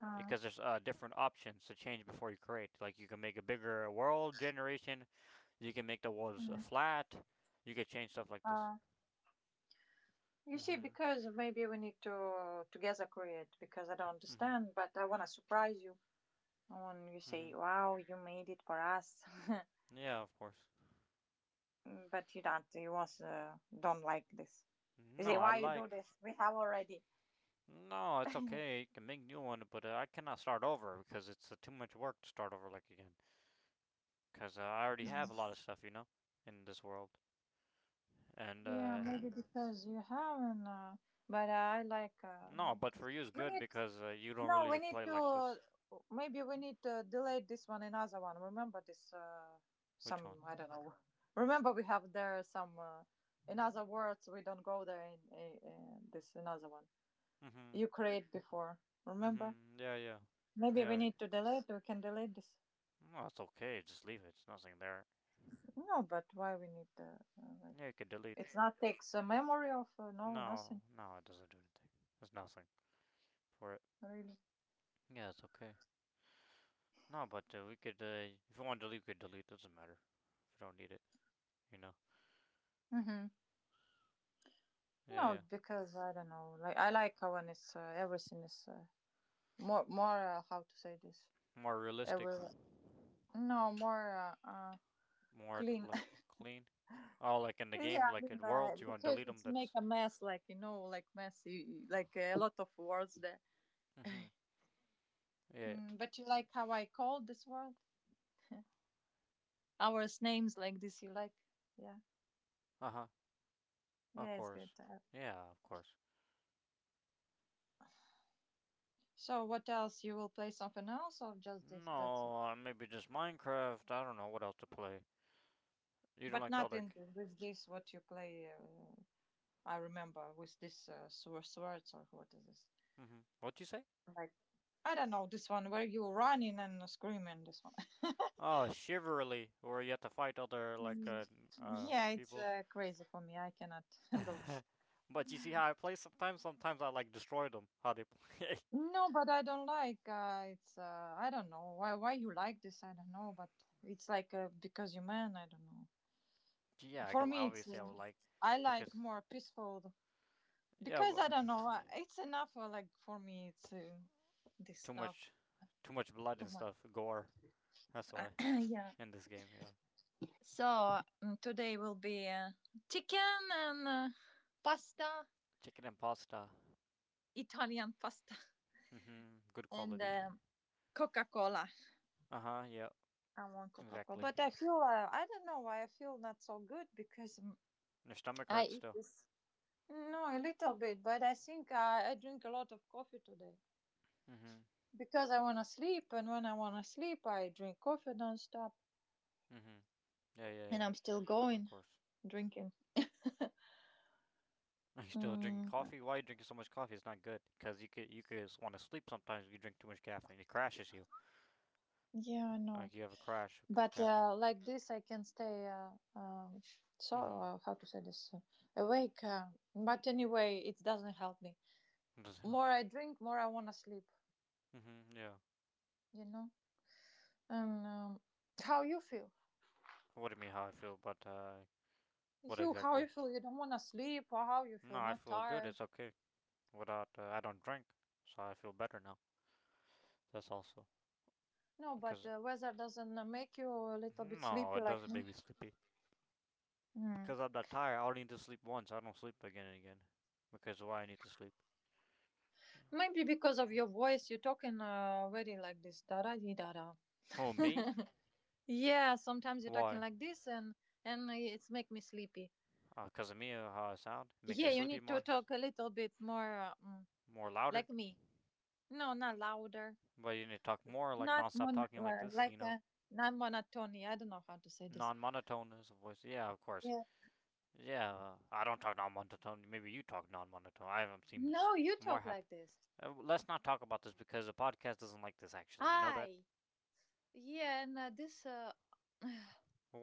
Speaker 2: Uh,
Speaker 1: Because there's uh, different options to change before you create. Like you can make a bigger world generation, you can make the walls uh,
Speaker 2: mm.
Speaker 1: flat, you can change stuff like this.
Speaker 2: uh, you see,
Speaker 1: Mhm.
Speaker 2: because maybe we need to uh, together create because I don't
Speaker 1: Mhm.
Speaker 2: understand, but I wanna surprise you. When you say,
Speaker 1: Mhm.
Speaker 2: "Wow, you made it for us,"
Speaker 1: Yeah, of course.
Speaker 2: Mm, but you don't. You also don't like this. You
Speaker 1: No,
Speaker 2: say,
Speaker 1: I
Speaker 2: "Why you do
Speaker 1: like.
Speaker 2: this? We have already."
Speaker 1: No, it's okay. You can make new one, but uh, I cannot start over because it's uh, too much work to start over like again. Because uh, I already have a lot of stuff, you know, in this world. And
Speaker 2: Yeah,
Speaker 1: uh,
Speaker 2: maybe because you haven't. Uh, but I like uh,
Speaker 1: No,
Speaker 2: like
Speaker 1: but
Speaker 2: this.
Speaker 1: for you it's
Speaker 2: We
Speaker 1: good
Speaker 2: need
Speaker 1: because uh, you don't
Speaker 2: no. We
Speaker 1: really
Speaker 2: need
Speaker 1: play like this.
Speaker 2: to maybe we need to delay this one another one. Remember this uh,
Speaker 1: Which one?
Speaker 2: some I don't know. Remember we have there some uh, in other words we don't go there in, uh uh this another one
Speaker 1: Mhm.
Speaker 2: you create before. Remember,
Speaker 1: Mhm. Yeah, yeah,
Speaker 2: maybe we
Speaker 1: yeah.
Speaker 2: need to delay it. We can delay this.
Speaker 1: No, it's okay. Just leave it. It's nothing there.
Speaker 2: No, but why we need uh, uh, like
Speaker 1: Yeah, you can delete.
Speaker 2: it's not takes a memory of uh, no
Speaker 1: No,
Speaker 2: nothing
Speaker 1: no, it doesn't do anything. There's nothing for it.
Speaker 2: really.
Speaker 1: Yeah, it's okay. No, but uh, we could. Uh, if you want to delete, you could delete. Doesn't matter. If you don't need it, you know.
Speaker 2: Hmm.
Speaker 1: Yeah,
Speaker 2: No,
Speaker 1: yeah.
Speaker 2: because I don't know. Like I like when it's uh, everything is uh, more more uh, how to say this.
Speaker 1: More realistic,
Speaker 2: Every no more uh, uh,
Speaker 1: more d-
Speaker 2: clean.
Speaker 1: like clean. Oh, like in the game,
Speaker 2: Yeah, I
Speaker 1: like
Speaker 2: mean
Speaker 1: in
Speaker 2: uh,
Speaker 1: worlds, you want to
Speaker 2: because
Speaker 1: delete them.
Speaker 2: it's make
Speaker 1: That's.
Speaker 2: a mess, like you know, like messy, like a lot of words there.
Speaker 1: Hmm. Yeah.
Speaker 2: Mm, but you like how I called this world? Our names like this. You like? Yeah,
Speaker 1: Uh huh. Of
Speaker 2: yeah, it's good.
Speaker 1: course.
Speaker 2: Uh,
Speaker 1: Yeah, of course.
Speaker 2: so what else? You will play something else or just this? That's
Speaker 1: No,
Speaker 2: it.
Speaker 1: uh, maybe just Minecraft. I don't know what else to play. You don't
Speaker 2: But
Speaker 1: like the
Speaker 2: not
Speaker 1: other.
Speaker 2: in with this. What you play? Uh, I remember with this uh, swor- swords or what is this?
Speaker 1: Mm-hmm. What'd you say?
Speaker 2: Like I don't know this one where you running and screaming. This one.
Speaker 1: Oh, Chivalry, where you have to fight other like
Speaker 2: Mm.
Speaker 1: uh, n- uh
Speaker 2: Yeah, it's
Speaker 1: people.
Speaker 2: uh, crazy for me. I cannot handle this.
Speaker 1: But you see how I play sometimes. Sometimes I like destroy them. How they play.
Speaker 2: No, but I don't like. Uh, it's uh, I don't know why why you like this. I don't know, but it's like uh, because you are man. I don't know.
Speaker 1: Yeah, I
Speaker 2: For
Speaker 1: gu-
Speaker 2: me, it's uh,
Speaker 1: obviously I would like,
Speaker 2: I like
Speaker 1: because
Speaker 2: more peaceful
Speaker 1: yeah.
Speaker 2: because I
Speaker 1: But,
Speaker 2: don't know. uh, It's enough. Uh, like for me, it's uh, this
Speaker 1: too
Speaker 2: stuff
Speaker 1: much, too much blood
Speaker 2: too
Speaker 1: and
Speaker 2: much.
Speaker 1: stuff, gore. That's why, in this game, yeah.
Speaker 2: So mm, today will be uh, chicken and uh, pasta,
Speaker 1: Chicken and pasta.
Speaker 2: Italian pasta,
Speaker 1: Mm-hmm. Good
Speaker 2: and
Speaker 1: quality.
Speaker 2: um, Coca Cola.
Speaker 1: Uh huh. Yeah.
Speaker 2: I want Coca Cola,
Speaker 1: Exactly.
Speaker 2: but I feel uh, I don't know why I feel not so good because um,
Speaker 1: And your stomach
Speaker 2: I
Speaker 1: hurts
Speaker 2: eat
Speaker 1: still.
Speaker 2: this. No, a little bit, but I think I, I drink a lot of coffee today
Speaker 1: Mm-hmm.
Speaker 2: because I want to sleep, and when I want to sleep, I drink coffee nonstop,
Speaker 1: Mm-hmm. Yeah, yeah,
Speaker 2: and
Speaker 1: yeah.
Speaker 2: I'm still
Speaker 1: Of
Speaker 2: going
Speaker 1: course.
Speaker 2: drinking.
Speaker 1: Are you still drinking
Speaker 2: Mm,
Speaker 1: coffee? Why are you drinking so much coffee? It's not good. Because you could you could want to sleep sometimes if you drink too much caffeine. It crashes you.
Speaker 2: yeah, I
Speaker 1: Like
Speaker 2: know.
Speaker 1: you have a crash of
Speaker 2: But
Speaker 1: caffeine.
Speaker 2: uh, like this, I can stay. Uh, um, so
Speaker 1: Mm-hmm.
Speaker 2: uh, how to say this? Uh, awake. Uh, but anyway, it doesn't help me.
Speaker 1: It doesn't help
Speaker 2: More
Speaker 1: you.
Speaker 2: I drink, more I wanna sleep.
Speaker 1: Mm-hmm. Yeah.
Speaker 2: You know. And um, how you feel?
Speaker 1: What do you mean how I feel about uh, what
Speaker 2: You how
Speaker 1: exactly?
Speaker 2: you feel? You don't wanna sleep, or how you
Speaker 1: No,
Speaker 2: feel?
Speaker 1: I
Speaker 2: Not
Speaker 1: feel good.
Speaker 2: tired?
Speaker 1: It's okay. Without, uh, I don't drink, so I feel better now. That's also,
Speaker 2: No, but
Speaker 1: because
Speaker 2: uh, weather doesn't uh, make you a little bit
Speaker 1: no,
Speaker 2: sleepy
Speaker 1: it
Speaker 2: like
Speaker 1: doesn't make
Speaker 2: me.
Speaker 1: me sleepy.
Speaker 2: Mm.
Speaker 1: Because I'm not tired. I only need to sleep once. I don't sleep again and again. Because why I need to sleep?
Speaker 2: Maybe because of your voice, you're talking uh, very like this. Da da di da da.
Speaker 1: Oh, me?
Speaker 2: Yeah, sometimes you're talking
Speaker 1: Why?
Speaker 2: like this, and and it's make me sleepy.
Speaker 1: Because uh, of me? uh, How I sound? It makes you
Speaker 2: Yeah, you
Speaker 1: sleepy
Speaker 2: need to
Speaker 1: more,
Speaker 2: talk a little bit more uh, mm,
Speaker 1: more louder.
Speaker 2: like me. No, not louder.
Speaker 1: But you need to talk more, like
Speaker 2: Not
Speaker 1: non-stop
Speaker 2: mon
Speaker 1: talking like
Speaker 2: li-
Speaker 1: this. You
Speaker 2: like
Speaker 1: know,
Speaker 2: uh, not monotony. I don't know how to say this.
Speaker 1: non-monotone as a voice. Yeah, of course.
Speaker 2: Yeah.
Speaker 1: Yeah, uh, I don't talk non-monotone. Maybe you talk non-monotone. I haven't seen
Speaker 2: No, you
Speaker 1: more
Speaker 2: talk
Speaker 1: happy.
Speaker 2: like this.
Speaker 1: Uh, let's not talk about this because the podcast doesn't like this. Actually, you know that.
Speaker 2: I. Yeah, and uh, this uh,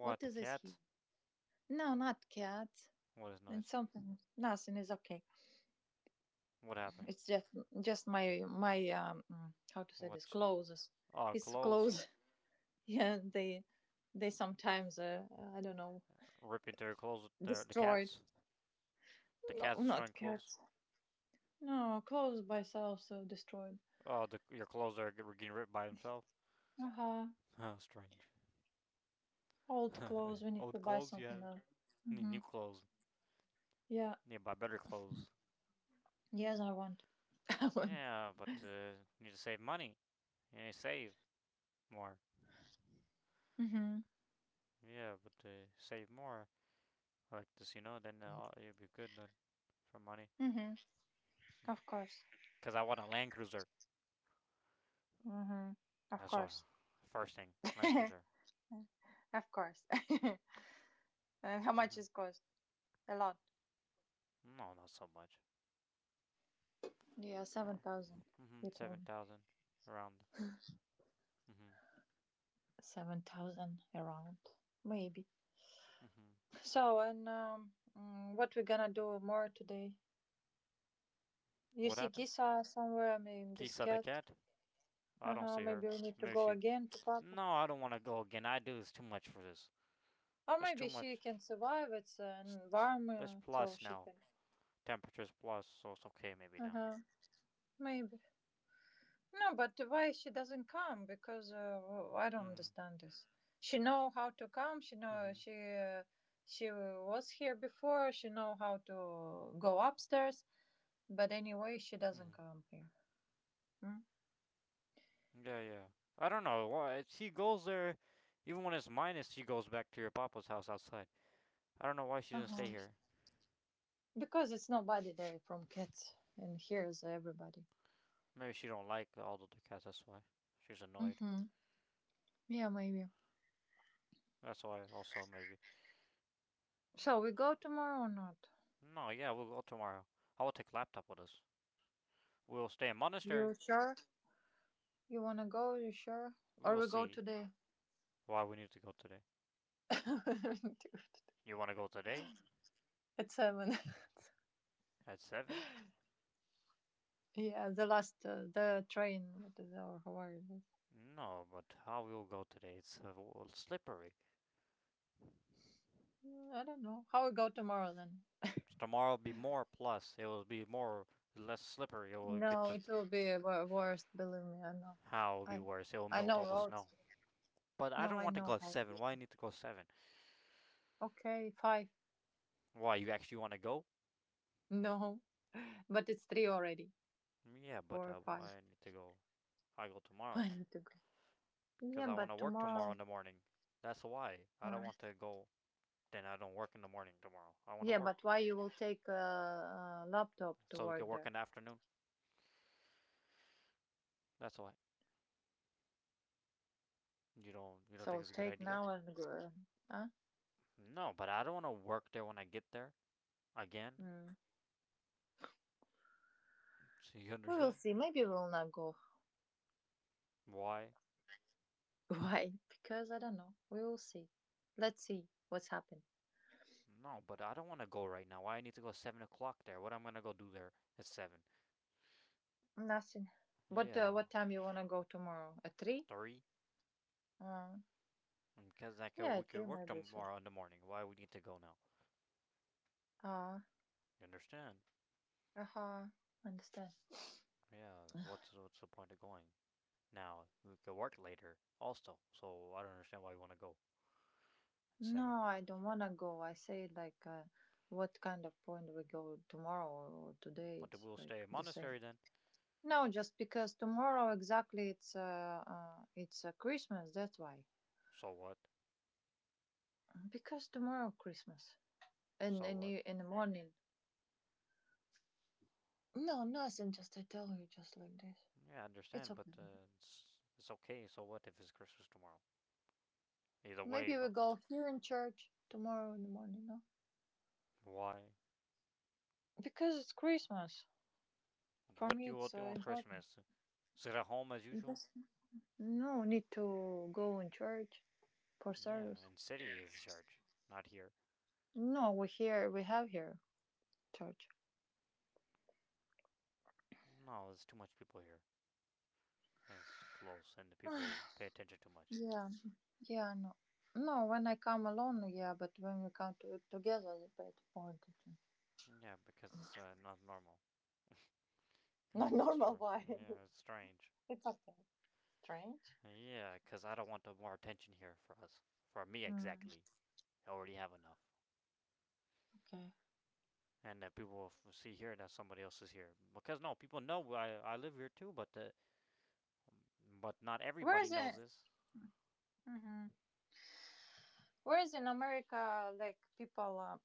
Speaker 2: what
Speaker 1: the
Speaker 2: is this here?
Speaker 1: cat?
Speaker 2: No, not cat.
Speaker 1: What is
Speaker 2: And
Speaker 1: noise?
Speaker 2: something nothing is okay.
Speaker 1: What happened?
Speaker 2: It's just just my my um mm, how to say this
Speaker 1: What?
Speaker 2: clothes.
Speaker 1: Oh,
Speaker 2: It's
Speaker 1: clothes.
Speaker 2: clothes. Yeah, they they sometimes uh, I don't know
Speaker 1: Ripping through your clothes. The the
Speaker 2: destroyed.
Speaker 1: cats. The
Speaker 2: No,
Speaker 1: cats destroying
Speaker 2: not cat.
Speaker 1: clothes.
Speaker 2: No, clothes by itself so destroyed.
Speaker 1: Oh, the your clothes are getting ripped by themselves.
Speaker 2: Uh-huh.
Speaker 1: Oh, strange.
Speaker 2: Old clothes, we need to
Speaker 1: Old
Speaker 2: buy
Speaker 1: clothes you
Speaker 2: something
Speaker 1: had.
Speaker 2: else.
Speaker 1: Need
Speaker 2: Mm-hmm.
Speaker 1: new clothes.
Speaker 2: Yeah.
Speaker 1: Need to buy better clothes.
Speaker 2: Yes, I want.
Speaker 1: Yeah, but uh, need to save money. You need to save more.
Speaker 2: Mm-hmm.
Speaker 1: Yeah, but uh, save more, like this, you know, then uh, you'd be good then for money.
Speaker 2: Mm-hmm. Of course.
Speaker 1: Because I want a Land Cruiser.
Speaker 2: Mm-hmm. Of
Speaker 1: That's what.
Speaker 2: course.
Speaker 1: First thing, Land Cruiser.
Speaker 2: Of course. And how much
Speaker 1: Mm-hmm.
Speaker 2: is cost? A lot.
Speaker 1: No, not so much.
Speaker 2: Yeah,
Speaker 1: Oh.
Speaker 2: seven thousand.
Speaker 1: Mm-hmm.
Speaker 2: You told me.
Speaker 1: seven thousand around. Mm-hmm.
Speaker 2: seven thousand around. Maybe.
Speaker 1: Mm-hmm.
Speaker 2: So, and um, mm, what we gonna do more today? You
Speaker 1: What
Speaker 2: see
Speaker 1: happened?
Speaker 2: Kisa somewhere, I mean, this
Speaker 1: Kisa the
Speaker 2: cat.
Speaker 1: cat? I don't
Speaker 2: Uh-huh,
Speaker 1: see her.
Speaker 2: maybe we need to
Speaker 1: Maybe
Speaker 2: go
Speaker 1: she.
Speaker 2: again to Papa.
Speaker 1: No, I don't want to go again. I do. It's too much for this.
Speaker 2: Or
Speaker 1: It's too
Speaker 2: maybe she
Speaker 1: much.
Speaker 2: can survive. It's
Speaker 1: It's,
Speaker 2: an
Speaker 1: it's-
Speaker 2: environment, so
Speaker 1: Plus
Speaker 2: she
Speaker 1: now.
Speaker 2: can.
Speaker 1: Temperature's plus, so it's okay maybe
Speaker 2: Uh
Speaker 1: now.
Speaker 2: huh. Maybe. No, but why she doesn't come? Because uh, I don't
Speaker 1: Mm-hmm.
Speaker 2: understand this. She know how to come. She know
Speaker 1: Mm-hmm.
Speaker 2: she uh, she was here before. She know how to go upstairs. But anyway, she doesn't
Speaker 1: Mm-hmm.
Speaker 2: come here. Mm?
Speaker 1: Yeah, yeah. I don't know why she goes there. Even when it's minus, she goes back to your papa's house outside. I don't know why she
Speaker 2: Uh
Speaker 1: doesn't stay
Speaker 2: huh.
Speaker 1: here.
Speaker 2: Because it's nobody there from kids, and here's everybody.
Speaker 1: Maybe she don't like all the other cats. That's why she's annoyed.
Speaker 2: Mm-hmm. Yeah, maybe.
Speaker 1: That's why also maybe.
Speaker 2: So we go tomorrow or not?
Speaker 1: No, yeah, we'll go tomorrow. I will take laptop with us. We'll stay in monastery.
Speaker 2: You sure? You wanna go? You sure?
Speaker 1: We
Speaker 2: Or
Speaker 1: will
Speaker 2: we go
Speaker 1: see
Speaker 2: today?
Speaker 1: why we need to go today. You want to go today
Speaker 2: At seven.
Speaker 1: at seven?
Speaker 2: Yeah, the last uh, the train. What is our Hawaii?
Speaker 1: No, but how we'll go today? It's uh, w- slippery.
Speaker 2: I don't know how we go tomorrow then.
Speaker 1: Tomorrow will be more plus. It will be more less slippery. It will get
Speaker 2: No,
Speaker 1: to.
Speaker 2: it will be wo- worst. Believe me, I know.
Speaker 1: How it'll be
Speaker 2: I
Speaker 1: worse? It'll
Speaker 2: I
Speaker 1: melt
Speaker 2: know
Speaker 1: all the snow.
Speaker 2: roads.
Speaker 1: But I
Speaker 2: No,
Speaker 1: don't
Speaker 2: I
Speaker 1: want to go
Speaker 2: know
Speaker 1: at
Speaker 2: how. It
Speaker 1: seven.
Speaker 2: is.
Speaker 1: Why I need to go at seven?
Speaker 2: Okay, five.
Speaker 1: Why you actually want to go?
Speaker 2: No, but it's three already.
Speaker 1: Yeah, but
Speaker 2: Four,
Speaker 1: uh, why
Speaker 2: five.
Speaker 1: I need to go? I go
Speaker 2: I
Speaker 1: tomorrow
Speaker 2: need to go.
Speaker 1: because
Speaker 2: Yeah,
Speaker 1: I want to
Speaker 2: but
Speaker 1: work tomorrow
Speaker 2: tomorrow.
Speaker 1: in the morning. That's why I don't
Speaker 2: Uh,
Speaker 1: want to go. Then I don't work in the morning tomorrow. I want to
Speaker 2: yeah, but
Speaker 1: work,
Speaker 2: why you will take a, a laptop to
Speaker 1: so we can
Speaker 2: work
Speaker 1: work
Speaker 2: there?
Speaker 1: in the afternoon. That's why. You don't. You don't think
Speaker 2: So
Speaker 1: it's a good
Speaker 2: take
Speaker 1: idea?
Speaker 2: now and go. uh, Huh?
Speaker 1: No, but I don't want to work there when I get there again.
Speaker 2: Mm.
Speaker 1: So you
Speaker 2: We will
Speaker 1: understand
Speaker 2: see. Maybe we will not go.
Speaker 1: why?
Speaker 2: Why? Because I don't know. We will see. Let's see what's happened.
Speaker 1: No, but I don't want to go right now. Why I need to go at seven o'clock there? What I'm gonna go do there at seven?
Speaker 2: Nothing. But uh,
Speaker 1: Yeah,
Speaker 2: what time you wanna go tomorrow? At three?
Speaker 1: three.
Speaker 2: Uh,
Speaker 1: Because that could,
Speaker 2: yeah,
Speaker 1: we
Speaker 2: at
Speaker 1: could
Speaker 2: three
Speaker 1: work
Speaker 2: maybe. So.
Speaker 1: tomorrow in the morning. Why we need to go now?
Speaker 2: Ah.
Speaker 1: You understand?
Speaker 2: Uh, huh. Understand.
Speaker 1: Yeah. What's what's the point of going now? We could work later also. So I don't understand why you want to go at seven.
Speaker 2: No, I don't wanna go. I say like, uh, what kind of point we go tomorrow or today?
Speaker 1: But
Speaker 2: It's
Speaker 1: we'll
Speaker 2: like
Speaker 1: stay in
Speaker 2: the same.
Speaker 1: monastery then.
Speaker 2: No, just because tomorrow exactly it's uh, uh it's uh, Christmas. That's why.
Speaker 1: So what?
Speaker 2: Because tomorrow Christmas and
Speaker 1: So
Speaker 2: in
Speaker 1: what?
Speaker 2: the, in the morning. No, nothing. Just I tell you just like this.
Speaker 1: Yeah, I
Speaker 2: It's
Speaker 1: understand. But
Speaker 2: okay.
Speaker 1: uh, it's it's okay. So what if it's Christmas tomorrow? Either
Speaker 2: Maybe
Speaker 1: way,
Speaker 2: we go here in church tomorrow in the morning, no?
Speaker 1: why?
Speaker 2: Because it's Christmas. For
Speaker 1: What do
Speaker 2: me,
Speaker 1: you all
Speaker 2: it's
Speaker 1: do
Speaker 2: uh,
Speaker 1: on
Speaker 2: important.
Speaker 1: Christmas? Sit at home as usual?
Speaker 2: Just no need to go in church for
Speaker 1: Yeah,
Speaker 2: service.
Speaker 1: in city is church, not here.
Speaker 2: No, we here we have here church.
Speaker 1: No, there's too much people here, and it's too close, and the people pay attention too much.
Speaker 2: Yeah, yeah, no, no. When I come alone, yeah, but when we come to, together, it's a bit more different.
Speaker 1: Yeah, because it's uh, not normal. Because
Speaker 2: Not
Speaker 1: it's
Speaker 2: normal.
Speaker 1: extra.
Speaker 2: Why?
Speaker 1: Yeah, it's strange.
Speaker 2: It's okay. Strange.
Speaker 1: Yeah, because I don't want the more attention here for us. For me,
Speaker 2: Mm,
Speaker 1: exactly. I already have enough.
Speaker 2: okay.
Speaker 1: And that uh, people will f- see here that somebody else is here. Because, no, people know I, I live here too, but uh, but not
Speaker 2: Where
Speaker 1: everybody
Speaker 2: is
Speaker 1: knows
Speaker 2: it?
Speaker 1: this.
Speaker 2: Mhm. Whereas in America, like people, uh,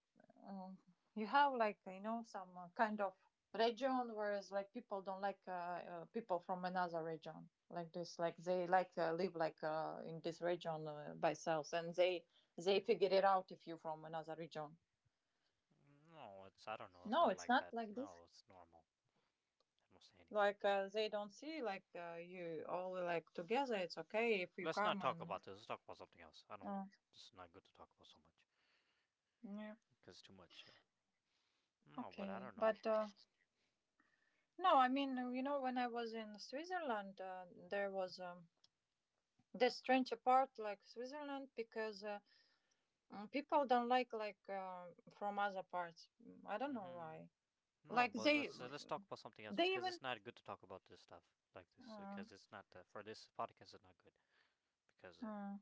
Speaker 2: um, you have like you know some uh, kind of region, whereas like people don't like uh, uh, people from another region like this. Like they like uh, live like uh, in this region uh, by selves, and they they figure it out if you from another region.
Speaker 1: No, it's, I don't know, it's
Speaker 2: No,
Speaker 1: not
Speaker 2: it's
Speaker 1: like
Speaker 2: not
Speaker 1: that.
Speaker 2: like this.
Speaker 1: No, it's normal. I don't say anything.
Speaker 2: Like uh, they don't see like uh, you all like together. It's okay if you
Speaker 1: Let's not
Speaker 2: come
Speaker 1: talk
Speaker 2: and.
Speaker 1: about this. Let's talk about something else. I
Speaker 2: Uh,
Speaker 1: don't. It's not good to talk about so much,
Speaker 2: yeah.
Speaker 1: because too much. Uh, no, but I
Speaker 2: Okay,
Speaker 1: don't know.
Speaker 2: but uh, no, I mean, uh, you know, when I was in Switzerland, uh, there was um, this strange part like Switzerland because uh, mm, people don't like like uh, from other parts. Mm, I don't know
Speaker 1: Hmm.
Speaker 2: why.
Speaker 1: No,
Speaker 2: Like
Speaker 1: but
Speaker 2: they,
Speaker 1: let's uh, let's talk about something else
Speaker 2: they
Speaker 1: because
Speaker 2: even.
Speaker 1: it's not good to talk about this stuff like this
Speaker 2: Uh,
Speaker 1: because it's not uh, for this podcast. It's not good because uh,
Speaker 2: uh,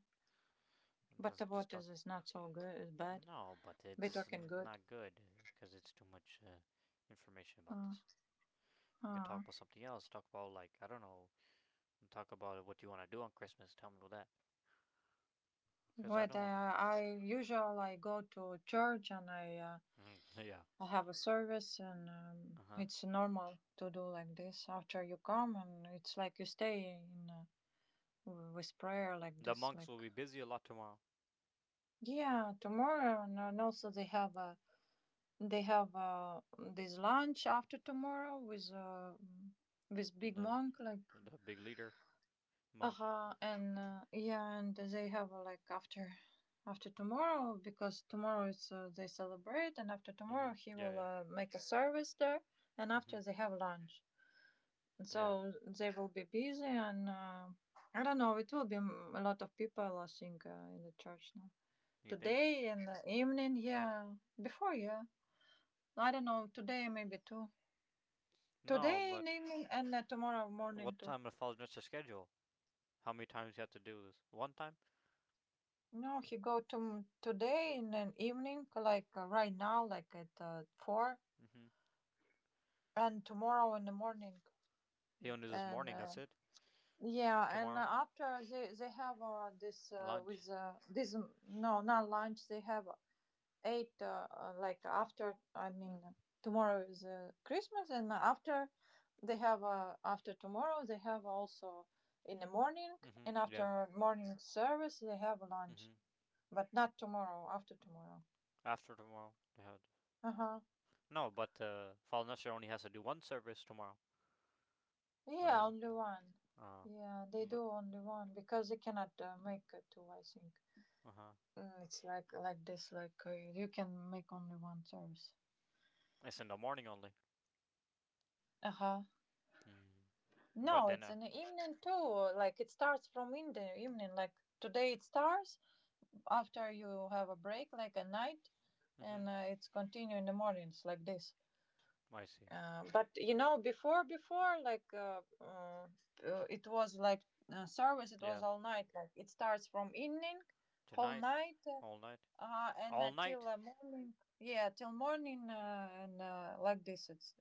Speaker 2: but
Speaker 1: let's
Speaker 2: the
Speaker 1: just
Speaker 2: water
Speaker 1: talk.
Speaker 2: is not so good. It's bad.
Speaker 1: No, but
Speaker 2: Be
Speaker 1: it's
Speaker 2: talking good.
Speaker 1: not good because it's too much uh, information about
Speaker 2: Uh,
Speaker 1: this. We could talk
Speaker 2: uh.
Speaker 1: about something else. Talk about, like, I don't know. Talk about what you want to do on Christmas. Tell me about that because I
Speaker 2: But
Speaker 1: don't
Speaker 2: uh,
Speaker 1: want to.
Speaker 2: I usually I go to church and I uh,
Speaker 1: Mm, yeah.
Speaker 2: I have a service and um,
Speaker 1: Uh huh.
Speaker 2: it's normal to do like this after you come and it's like you stay in uh, with prayer like
Speaker 1: The
Speaker 2: this
Speaker 1: monks will
Speaker 2: like
Speaker 1: be busy a lot tomorrow.
Speaker 2: yeah tomorrow and, and also they have a they have uh this lunch after tomorrow with uh with big
Speaker 1: The
Speaker 2: monk like
Speaker 1: the big leader monk.
Speaker 2: uh-huh and uh, yeah and they have uh, like after after tomorrow because tomorrow it's uh, they celebrate and after tomorrow
Speaker 1: Mhm.
Speaker 2: he
Speaker 1: Yeah,
Speaker 2: will
Speaker 1: yeah.
Speaker 2: uh, make a service there and after
Speaker 1: Mhm.
Speaker 2: they have lunch.
Speaker 1: Yeah.
Speaker 2: So they will be busy, and uh, I don't know. It will be m- a lot of people, I think, uh, in the church now.
Speaker 1: You think?
Speaker 2: Today in the evening, yeah. Before, yeah. I don't know. Today maybe too.
Speaker 1: No,
Speaker 2: Today in
Speaker 1: but
Speaker 2: evening and uh, tomorrow morning
Speaker 1: what
Speaker 2: too.
Speaker 1: time it falls into the schedule? How many times you have to do this? One time?
Speaker 2: No, he go to today in an evening, like uh, right now, like at uh, four,
Speaker 1: Mhm.
Speaker 2: and tomorrow in the morning,
Speaker 1: He only does this
Speaker 2: and
Speaker 1: morning.
Speaker 2: uh,
Speaker 1: That's it.
Speaker 2: yeah, and uh,
Speaker 1: Tomorrow
Speaker 2: after they they have uh, this uh,
Speaker 1: lunch.
Speaker 2: with uh, this no not lunch they have eight uh, uh, like after I mean tomorrow is uh, christmas and after they have uh, after tomorrow they have also in the morning
Speaker 1: Mhm.
Speaker 2: and
Speaker 1: Yeah.
Speaker 2: after morning service they have lunch
Speaker 1: Mhm.
Speaker 2: but not tomorrow after tomorrow
Speaker 1: After tomorrow they have.
Speaker 2: uh-huh
Speaker 1: No, but uh, Fallen Usher only has to do one service tomorrow. Only
Speaker 2: yeah
Speaker 1: one.
Speaker 2: only one
Speaker 1: Uh,
Speaker 2: yeah they
Speaker 1: but
Speaker 2: do only one because they cannot uh, make uh, two I think.
Speaker 1: uh huh.
Speaker 2: Mm, it's like like this like uh, you can make only one service
Speaker 1: It's in the morning only.
Speaker 2: uh-huh.
Speaker 1: Mm. But
Speaker 2: No,
Speaker 1: then.
Speaker 2: it's
Speaker 1: Uh,
Speaker 2: in the evening too. Like it starts from in the evening. Like today it starts after you have a break, like a night,
Speaker 1: mhm.
Speaker 2: and uh, it's continue in the mornings like this.
Speaker 1: I see.
Speaker 2: Uh, but you know, before before like uh, uh, uh, it was like uh, service. It was
Speaker 1: Yeah.
Speaker 2: all night. Like it starts from evening, whole
Speaker 1: Tonight,
Speaker 2: night,
Speaker 1: all night,
Speaker 2: uh, and
Speaker 1: all
Speaker 2: uh, till
Speaker 1: night.
Speaker 2: uh, morning. Yeah, till morning, uh, and uh, like this. It's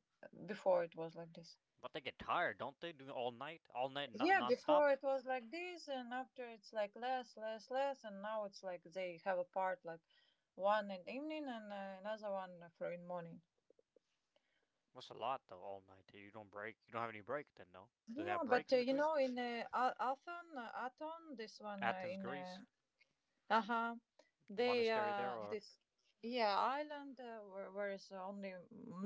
Speaker 2: before it was like this.
Speaker 1: But they get tired, don't they? Doing all night, all night, no-
Speaker 2: Yeah,
Speaker 1: nonstop.
Speaker 2: before it was like this, and after it's like less, less, less, and now it's like they have a part like one in evening and uh, another one for in morning.
Speaker 1: What's a lot though? All night. You don't break. You don't have any break then, no. Do they have
Speaker 2: Yeah,
Speaker 1: breaks
Speaker 2: but uh,
Speaker 1: in
Speaker 2: you
Speaker 1: between?
Speaker 2: know, in uh, A- Athon, uh, Athon, this one uh,
Speaker 1: Athens,
Speaker 2: in
Speaker 1: Greece,
Speaker 2: uh huh, they
Speaker 1: monastery there,
Speaker 2: uh
Speaker 1: or
Speaker 2: this yeah island uh, where, where is only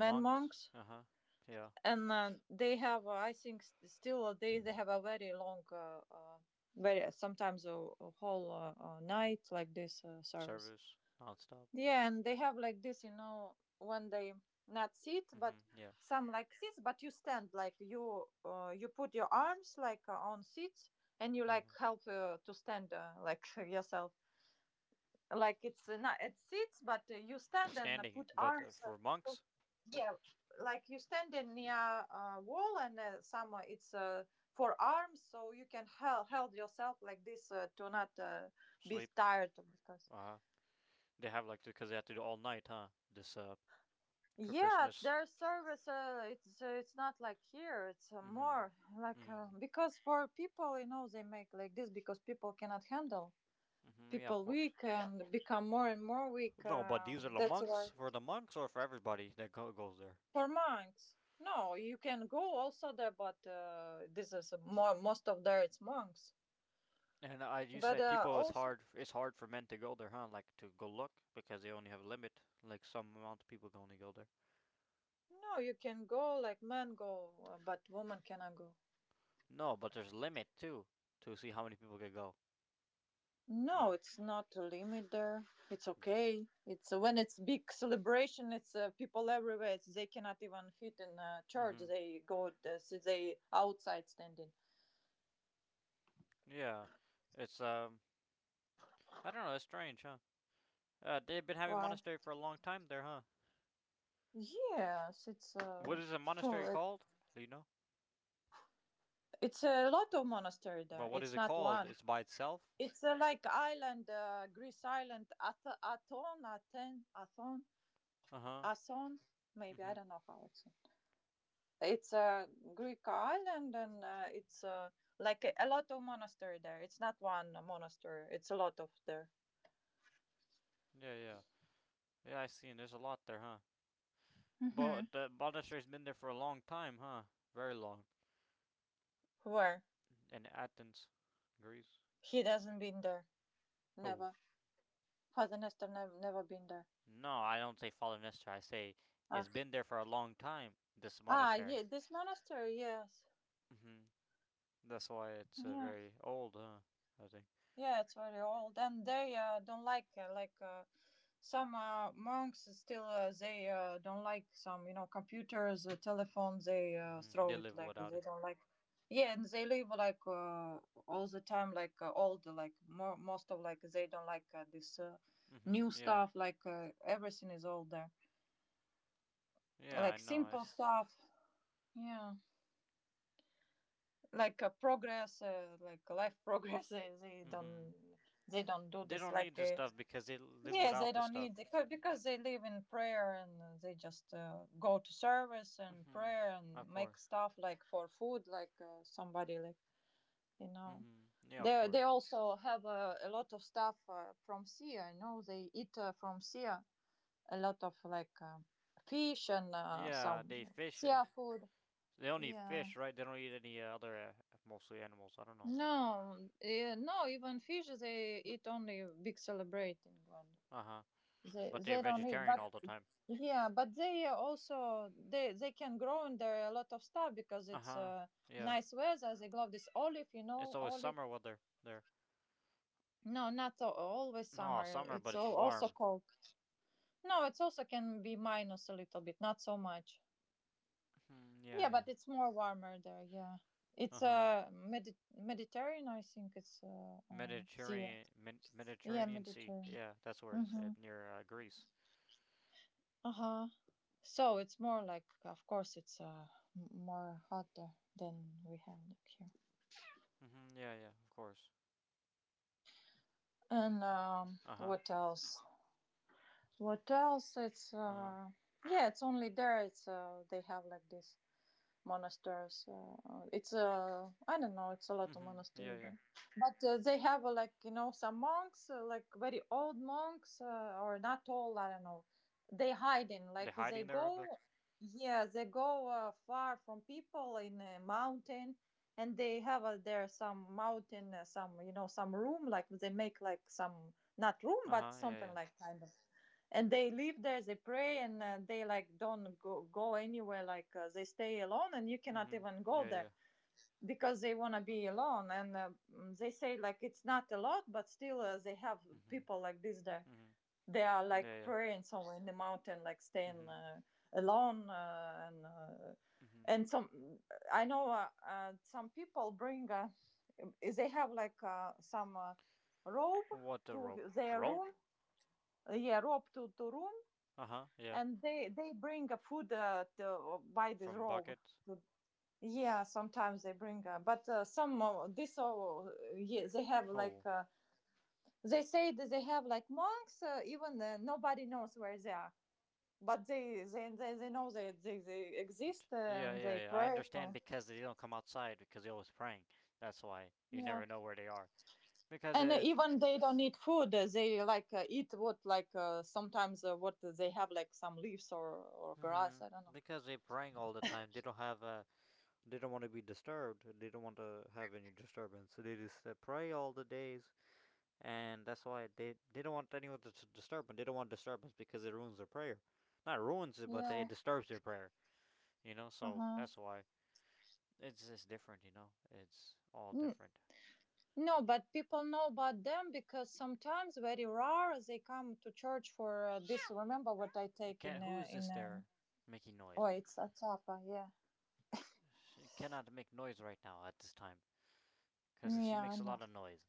Speaker 2: men monks,
Speaker 1: Uh huh. Yeah.
Speaker 2: and uh, they have uh, I think s- still they they have a very long uh, uh very sometimes a, a whole uh, uh,
Speaker 1: M-
Speaker 2: night like this uh, service.
Speaker 1: Service nonstop.
Speaker 2: Yeah, and they have like this, you know, when they not sit, but
Speaker 1: Mhm. Yeah.
Speaker 2: some like sits, but you stand like you uh, you put your arms like uh, on seats and you
Speaker 1: Uh
Speaker 2: like
Speaker 1: huh.
Speaker 2: help uh, to stand uh, like yourself. Like it's uh, not it sits, but uh, you
Speaker 1: And
Speaker 2: stand and uh,
Speaker 1: standing,
Speaker 2: put
Speaker 1: but uh,
Speaker 2: arms. Uh,
Speaker 1: for
Speaker 2: so-
Speaker 1: monks,
Speaker 2: yeah, like you stand in near uh, wall and uh, some uh, it's uh, for arms, so you can help held yourself like this uh, to not uh, be
Speaker 1: sleep.
Speaker 2: tired because.
Speaker 1: Uh huh. They have like because they have to do all night, huh? This uh for
Speaker 2: Yeah,
Speaker 1: Christmas.
Speaker 2: their service uh, it's uh, it's not like here. It's uh,
Speaker 1: Mhm.
Speaker 2: more like uh,
Speaker 1: Mhm.
Speaker 2: because for people, you know, they make like this because people cannot handle
Speaker 1: Mhm. Yeah, of
Speaker 2: people
Speaker 1: course.
Speaker 2: weak and become more and more weak.
Speaker 1: No, but these are
Speaker 2: Um,
Speaker 1: the
Speaker 2: that's
Speaker 1: monks
Speaker 2: why
Speaker 1: for the monks or for everybody that go, goes there.
Speaker 2: for monks, no, you can go also there, but uh, this is more most of there it's monks.
Speaker 1: And I, you
Speaker 2: But
Speaker 1: said
Speaker 2: uh,
Speaker 1: people, it's
Speaker 2: also
Speaker 1: hard it's hard for men to go there, huh? Like to go look because they only have a limit, like some amount of people can only go there.
Speaker 2: no, you can go like men go, uh, but woman cannot go.
Speaker 1: No, but there's a limit too to see how many people can go.
Speaker 2: No,
Speaker 1: You,
Speaker 2: it's not a limit there. It's okay. It's when it's big celebration. It's uh, people everywhere. It's, they cannot even fit in a church.
Speaker 1: hmm.
Speaker 2: They go uh, see they outside standing.
Speaker 1: Yeah, it's um I don't know. It's strange, huh? Uh, they've been having
Speaker 2: Why?
Speaker 1: monastery for a long time there, huh?
Speaker 2: Yes, it's
Speaker 1: What
Speaker 2: uh,
Speaker 1: is a monastery
Speaker 2: to,
Speaker 1: called? Do you know?
Speaker 2: it's a lot of monastery
Speaker 1: But
Speaker 2: there.
Speaker 1: what is
Speaker 2: It's
Speaker 1: it
Speaker 2: not
Speaker 1: called?
Speaker 2: one.
Speaker 1: It's by itself.
Speaker 2: It's uh, like island, uh, Greece island, Ath- Athon, Athens, Athon,
Speaker 1: Uh huh.
Speaker 2: Athon. Maybe I
Speaker 1: Mhm.
Speaker 2: don't know how it's. It's a Greek island, and uh, it's uh, like a, a lot of monastery there. It's not one monastery. It's a lot of there.
Speaker 1: Yeah, yeah, yeah. I see. And there's a lot there, huh?
Speaker 2: Hmm.
Speaker 1: But the monastery's been there for a long time, huh? Very long.
Speaker 2: Where
Speaker 1: In Athens, Greece.
Speaker 2: he doesn't been there.
Speaker 1: Oh,
Speaker 2: Never. Father Nestor never never been there.
Speaker 1: no, I don't say fallen monastery. I say
Speaker 2: Ah,
Speaker 1: it's been there for a long time. This
Speaker 2: ah,
Speaker 1: monastery.
Speaker 2: yeah. This monastery, yes.
Speaker 1: Hmm. That's why it's uh,
Speaker 2: Yeah,
Speaker 1: very old, huh? I think.
Speaker 2: yeah. It's very old, and they uh, don't like uh, like. Uh, Some uh, monks still uh, they uh, don't like some you know computers, uh, telephone. They uh,
Speaker 1: Hmm. They
Speaker 2: throw it
Speaker 1: live
Speaker 2: like
Speaker 1: without
Speaker 2: they
Speaker 1: it.
Speaker 2: don't like. Yeah, and they live like uh, all the time like uh, old like more most of like they don't like uh, this uh, new
Speaker 1: Hmm. Yeah.
Speaker 2: stuff. Like uh, everything is older,
Speaker 1: Yeah, I
Speaker 2: like
Speaker 1: know.
Speaker 2: simple
Speaker 1: It's.
Speaker 2: stuff. Yeah, like uh, progress, uh, like life progress. They, they
Speaker 1: Hmm.
Speaker 2: don't they don't do
Speaker 1: They
Speaker 2: this
Speaker 1: don't need
Speaker 2: like.
Speaker 1: this
Speaker 2: Uh,
Speaker 1: stuff because they live
Speaker 2: Yes, they
Speaker 1: without this
Speaker 2: don't
Speaker 1: stuff.
Speaker 2: need because because they live in prayer and uh, they just uh, go to service and
Speaker 1: Hmm.
Speaker 2: prayer and
Speaker 1: Of
Speaker 2: make
Speaker 1: course.
Speaker 2: stuff like for food, like uh, somebody like you know.
Speaker 1: Hmm. Yeah, of
Speaker 2: They they
Speaker 1: course.
Speaker 2: also have uh, a lot of stuff uh, from sea. I know they eat uh, from sea a lot of like uh, fish and uh,
Speaker 1: Yeah,
Speaker 2: some
Speaker 1: they fish. uh,
Speaker 2: sea food.
Speaker 1: They don't eat
Speaker 2: Yeah.
Speaker 1: fish, right? They don't eat any uh, other, uh, mostly animals. I don't know.
Speaker 2: No, eh, no. Even fish, they eat only big celebrating one.
Speaker 1: Uh huh.
Speaker 2: They
Speaker 1: But they're
Speaker 2: they don't eat,
Speaker 1: vegetarian
Speaker 2: but
Speaker 1: all the time.
Speaker 2: yeah, but they are also they they can grow in there a lot of stuff because
Speaker 1: Uh
Speaker 2: it's
Speaker 1: huh.
Speaker 2: uh,
Speaker 1: Yeah.
Speaker 2: nice weather. They grow this olive, you
Speaker 1: It's
Speaker 2: know,
Speaker 1: always
Speaker 2: olive.
Speaker 1: summer weather there.
Speaker 2: No, not al- always
Speaker 1: No,
Speaker 2: summer.
Speaker 1: summer, but
Speaker 2: It's
Speaker 1: it's
Speaker 2: all, also
Speaker 1: warm.
Speaker 2: cold. No, it's also can be minus a little bit, not so much.
Speaker 1: Hmm. Yeah,
Speaker 2: Yeah,
Speaker 1: yeah.
Speaker 2: but it's more warmer there. Yeah,
Speaker 1: Uh
Speaker 2: it's
Speaker 1: huh.
Speaker 2: uh Medi- Mediterranean. I think it's uh, uh sea.
Speaker 1: Mediterranean, Med-
Speaker 2: Yeah,
Speaker 1: Mediterranean Sea.
Speaker 2: Mediterranean.
Speaker 1: Yeah, that's where it is.
Speaker 2: Mm-hmm.
Speaker 1: It, near uh, Greece.
Speaker 2: Uh huh. So it's more like, of course, it's uh m- more hotter than we have like here.
Speaker 1: Mm-hmm. Yeah, yeah. Of course.
Speaker 2: And um,
Speaker 1: Uh huh.
Speaker 2: what else? What else? It's
Speaker 1: Uh huh.
Speaker 2: uh, yeah, it's only there. It's uh, they have like this monasteries. Uh, uh, it's a I don't know. It's a lot of
Speaker 1: Mm-hmm. Yeah,
Speaker 2: monasteries,
Speaker 1: yeah.
Speaker 2: there, but uh, they have uh, like you know some monks, uh, like very old monks, uh, or not old. I don't know. They hide in
Speaker 1: They're
Speaker 2: like they
Speaker 1: hiding there.
Speaker 2: go,
Speaker 1: That's.
Speaker 2: yeah, they go uh, far from people in a mountain, and they have uh, there some mountain, uh, some you know some room. Like they make like some not room,
Speaker 1: Uh
Speaker 2: but
Speaker 1: huh. Yeah, yeah.
Speaker 2: something like kind of and they live there they pray and uh, they like don't go, go anywhere like uh, they stay alone and you cannot
Speaker 1: Mm-hmm.
Speaker 2: even go
Speaker 1: Yeah, yeah.
Speaker 2: there because they want to be alone and uh, mm, they say like it's not a lot but still uh, they have people
Speaker 1: Mm-hmm.
Speaker 2: like this there
Speaker 1: Mm-hmm.
Speaker 2: they are like
Speaker 1: Yeah, yeah.
Speaker 2: praying somewhere in the mountain like staying
Speaker 1: Mm-hmm.
Speaker 2: uh, alone uh, and uh,
Speaker 1: Mm-hmm.
Speaker 2: and some I know uh, uh, some people bring uh, they have like uh, some uh, rope
Speaker 1: What the
Speaker 2: to
Speaker 1: rope?
Speaker 2: their
Speaker 1: Rope?
Speaker 2: room uh, yeah rope to, to room
Speaker 1: Uh-huh, yeah.
Speaker 2: and they they bring a food uh, to buy this
Speaker 1: From
Speaker 2: robe
Speaker 1: buckets.
Speaker 2: yeah sometimes they bring uh, but uh, some uh, this uh, yeah, they have like
Speaker 1: Oh.
Speaker 2: uh, they say that they have like monks uh, even uh, nobody knows where they are but they they they, they know they, they they
Speaker 1: d-
Speaker 2: exist
Speaker 1: Yeah,
Speaker 2: and
Speaker 1: yeah,
Speaker 2: they
Speaker 1: yeah. I
Speaker 2: pray
Speaker 1: understand
Speaker 2: for
Speaker 1: because they don't come outside because they're always praying. That's why you
Speaker 2: yeah
Speaker 1: never know where they are. Because
Speaker 2: and uh,
Speaker 1: it's,
Speaker 2: even they don't eat food uh, they like uh, eat what like uh, sometimes uh, what they have like some leaves or or grass
Speaker 1: hmm,
Speaker 2: I don't know
Speaker 1: because they're praying all the time. They don't have uh they don't want to be disturbed. They don't want to have any disturbance. So they just uh, pray all the days, and that's why they they don't want anyone to s- disturb them. They don't want disturbance because it ruins their prayer. Not ruins it, but
Speaker 2: yeah
Speaker 1: it disturbs their prayer, you know? So that's
Speaker 2: uh-huh.
Speaker 1: why it's just different, you know? It's all
Speaker 2: Mm,
Speaker 1: different.
Speaker 2: no, but people know about them because sometimes very rare they come to church for uh, this. Remember what I
Speaker 1: It
Speaker 2: take in
Speaker 1: can't, who
Speaker 2: uh,
Speaker 1: is this
Speaker 2: in uh,
Speaker 1: there making
Speaker 2: oh
Speaker 1: noise?
Speaker 2: it's a tapa, yeah,
Speaker 1: She cannot make noise right now at this time, because she
Speaker 2: yeah, I
Speaker 1: makes a
Speaker 2: know.
Speaker 1: lot of noise.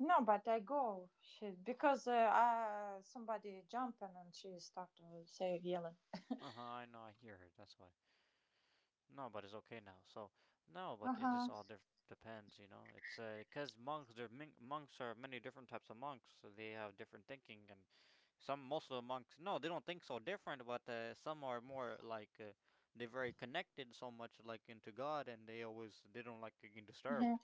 Speaker 2: No, but I go she, because uh, uh, somebody jumping and she start to say yelling.
Speaker 1: Uh huh, I know, I hear her, that's why. No, but it's okay now. So, no, but
Speaker 2: Uh
Speaker 1: it just
Speaker 2: huh.
Speaker 1: all def- depends, you know. It's because uh, monks, they're monks are many different types of monks, so they have different thinking, and some, most of the monks, no, they don't think so different, but uh, some are more like uh, they're very connected so much, like into God, and they always, they don't like getting
Speaker 2: Uh huh.
Speaker 1: disturbed.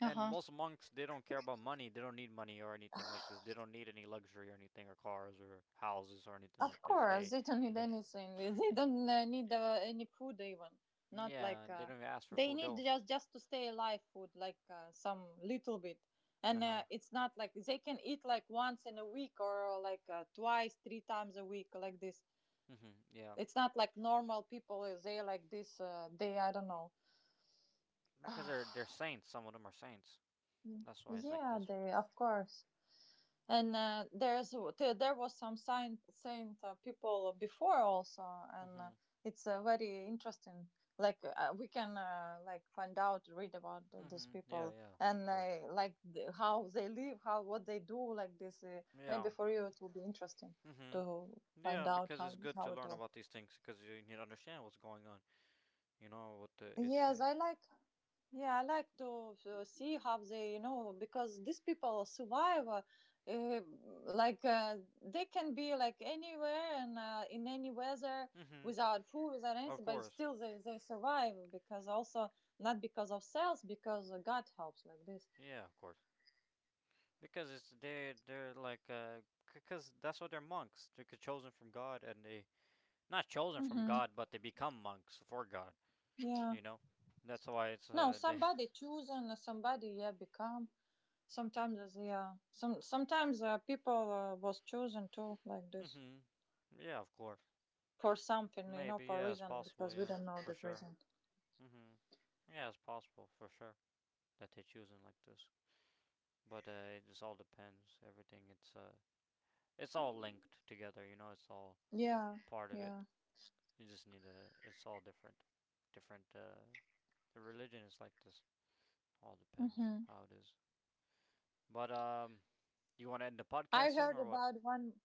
Speaker 2: Uh
Speaker 1: And
Speaker 2: huh.
Speaker 1: most monks they don't care about money. They don't need money or anything like this. They don't need any luxury or anything or cars or houses or anything
Speaker 2: Of
Speaker 1: like this.
Speaker 2: course,
Speaker 1: They
Speaker 2: they don't need
Speaker 1: they,
Speaker 2: anything. They
Speaker 1: they
Speaker 2: don't uh, need uh, any food even. Not
Speaker 1: yeah,
Speaker 2: like
Speaker 1: they
Speaker 2: uh,
Speaker 1: don't even ask for
Speaker 2: they
Speaker 1: food
Speaker 2: need
Speaker 1: though.
Speaker 2: just just to stay alive. Food like uh, some little bit,
Speaker 1: Uh
Speaker 2: and
Speaker 1: huh.
Speaker 2: uh, it's not like they can eat like once in a week or like uh, twice, three times a week like this.
Speaker 1: Mhm. Yeah.
Speaker 2: It's not like normal people. uh, They like this. Uh, they I don't know.
Speaker 1: Because they're they're saints. Some of them are saints. That's why it's like
Speaker 2: Yeah,
Speaker 1: this.
Speaker 2: they of course. And uh, there's th- there was some saint saint uh, people before also, and uh,
Speaker 1: Mhm.
Speaker 2: it's uh, very interesting. Like uh, we can uh, like find out, read about th- these
Speaker 1: Mhm. Yeah,
Speaker 2: people
Speaker 1: yeah. Of
Speaker 2: and
Speaker 1: course.
Speaker 2: uh, like th- how they live, how what they do, like this. Uh, maybe
Speaker 1: Yeah.
Speaker 2: for you it will be interesting
Speaker 1: Mhm.
Speaker 2: to find
Speaker 1: Yeah,
Speaker 2: out
Speaker 1: because
Speaker 2: how
Speaker 1: it's good
Speaker 2: how
Speaker 1: to
Speaker 2: it
Speaker 1: learn
Speaker 2: all.
Speaker 1: about these things because you need to understand what's going on. You know what the, it's.
Speaker 2: Yes, I like yeah, I like to uh, see how they, you know, because these people survive, uh, uh, like uh, they can be like anywhere and uh, in any weather
Speaker 1: Mhm.
Speaker 2: without food, without
Speaker 1: Of
Speaker 2: anything, but
Speaker 1: course.
Speaker 2: still they, they survive because also not because of cells, because uh, God helps like this.
Speaker 1: Yeah, of course. Because it's they they're like uh because that's what they're monks. They're c- chosen from God, and they not chosen from
Speaker 2: Mm-hmm.
Speaker 1: God, but they become monks for God.
Speaker 2: Yeah.
Speaker 1: You know, that's why it's
Speaker 2: No,
Speaker 1: uh they.
Speaker 2: somebody chosen, uh, somebody yeah become. Sometimes uh, yeah, some sometimes uh, people uh, was chosen too like this
Speaker 1: Hmm. Yeah, of course.
Speaker 2: for something, you know,
Speaker 1: Maybe
Speaker 2: for a
Speaker 1: yeah, it's
Speaker 2: reason
Speaker 1: possible.
Speaker 2: because we
Speaker 1: Yeah,
Speaker 2: don't know
Speaker 1: for
Speaker 2: that
Speaker 1: sure.
Speaker 2: reason.
Speaker 1: Hmm. Yeah, it's possible for sure that they're choosing like this. But uh, it just all depends. Everything it's uh it's all linked together. You know, it's all
Speaker 2: Yeah,
Speaker 1: part of
Speaker 2: yeah.
Speaker 1: it. You just need a. It's all different. Different uh, the religion is like this. All depends
Speaker 2: Hmm.
Speaker 1: how it is. But um, you want to end the podcast
Speaker 2: I
Speaker 1: soon
Speaker 2: heard
Speaker 1: or what?
Speaker 2: about one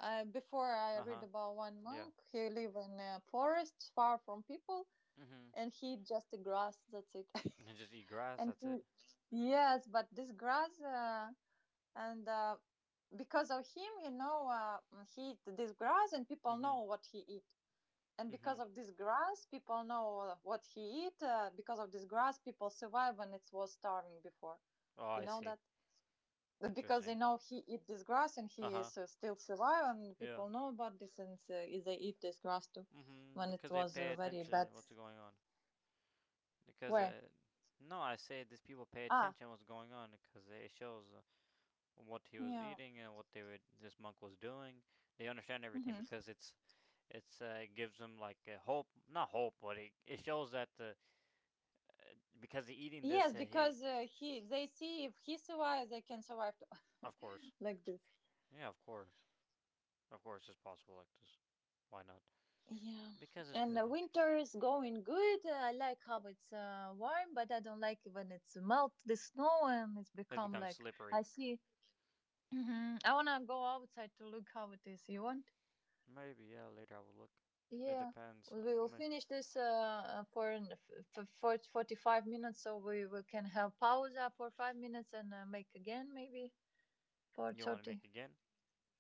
Speaker 2: uh, before I
Speaker 1: Uh
Speaker 2: read
Speaker 1: huh.
Speaker 2: about one
Speaker 1: Yeah.
Speaker 2: monk. He live in a forest far from people,
Speaker 1: Mhm.
Speaker 2: and he eat just the grass. That's it.
Speaker 1: And just eat grass.
Speaker 2: and
Speaker 1: That's
Speaker 2: he,
Speaker 1: it.
Speaker 2: yes, but this grass uh, and. Uh, because of him, you know, uh, he eat this grass and people
Speaker 1: Mhm.
Speaker 2: know what he eat. And because
Speaker 1: Mhm.
Speaker 2: of this grass, people know uh, what he eat. Uh, because of this grass, people survive when it was starving before.
Speaker 1: Oh,
Speaker 2: You
Speaker 1: I
Speaker 2: know
Speaker 1: see.
Speaker 2: that? Because they
Speaker 1: Interesting.
Speaker 2: know he eat this grass and he
Speaker 1: Uh huh.
Speaker 2: is uh, still survive and
Speaker 1: Yeah.
Speaker 2: people know about this and uh, they eat this grass too
Speaker 1: Mhm.
Speaker 2: when it
Speaker 1: Because they
Speaker 2: was
Speaker 1: pay
Speaker 2: uh, very
Speaker 1: attention to
Speaker 2: bad
Speaker 1: what's going on. Because
Speaker 2: where
Speaker 1: uh, no, I say these people pay
Speaker 2: ah
Speaker 1: attention to what's going on because it shows uh, what he was
Speaker 2: yeah
Speaker 1: eating and what they were. This monk was doing. They understand everything
Speaker 2: hmm
Speaker 1: because it's it's uh, it gives them like a hope, not hope, but it it shows that the uh, because he eating this,
Speaker 2: yes
Speaker 1: uh, he
Speaker 2: because uh, he they see if he survives they can survive too
Speaker 1: of course,
Speaker 2: like this
Speaker 1: yeah, of course, of course, it's possible like this. Why not?
Speaker 2: yeah
Speaker 1: Because it's
Speaker 2: and uh,
Speaker 1: good.
Speaker 2: winter is going good uh, I like how it's uh, warm but I don't like when it's melt the snow and it's
Speaker 1: It
Speaker 2: become
Speaker 1: becomes
Speaker 2: like
Speaker 1: slippery.
Speaker 2: I see. Mhm. I want to go outside to look how it is you want.
Speaker 1: Maybe yeah. Later I will look. It
Speaker 2: Yeah,
Speaker 1: depends.
Speaker 2: we will finish this uh, uh, for an- f- f- for forty-five minutes, so we, we can have pause for five minutes and uh, make again maybe for
Speaker 1: You want to
Speaker 2: thirty.
Speaker 1: make again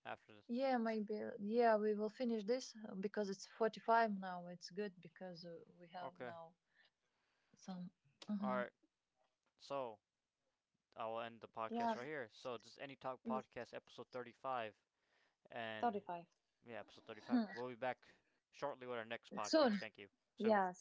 Speaker 1: after this?
Speaker 2: Yeah, maybe. Yeah, we will finish this uh, because it's forty-five now. It's good because uh, we have
Speaker 1: Okay.
Speaker 2: now some.
Speaker 1: All
Speaker 2: uh
Speaker 1: right. So I will end the podcast
Speaker 2: Yeah,
Speaker 1: right here. So this is Any Talk
Speaker 2: mm,
Speaker 1: Podcast episode thirty-five, and
Speaker 2: thirty-five.
Speaker 1: yeah, episode thirty-five. We'll be back shortly with our next podcast.
Speaker 2: Soon.
Speaker 1: Thank you. Soon.
Speaker 2: Yeah.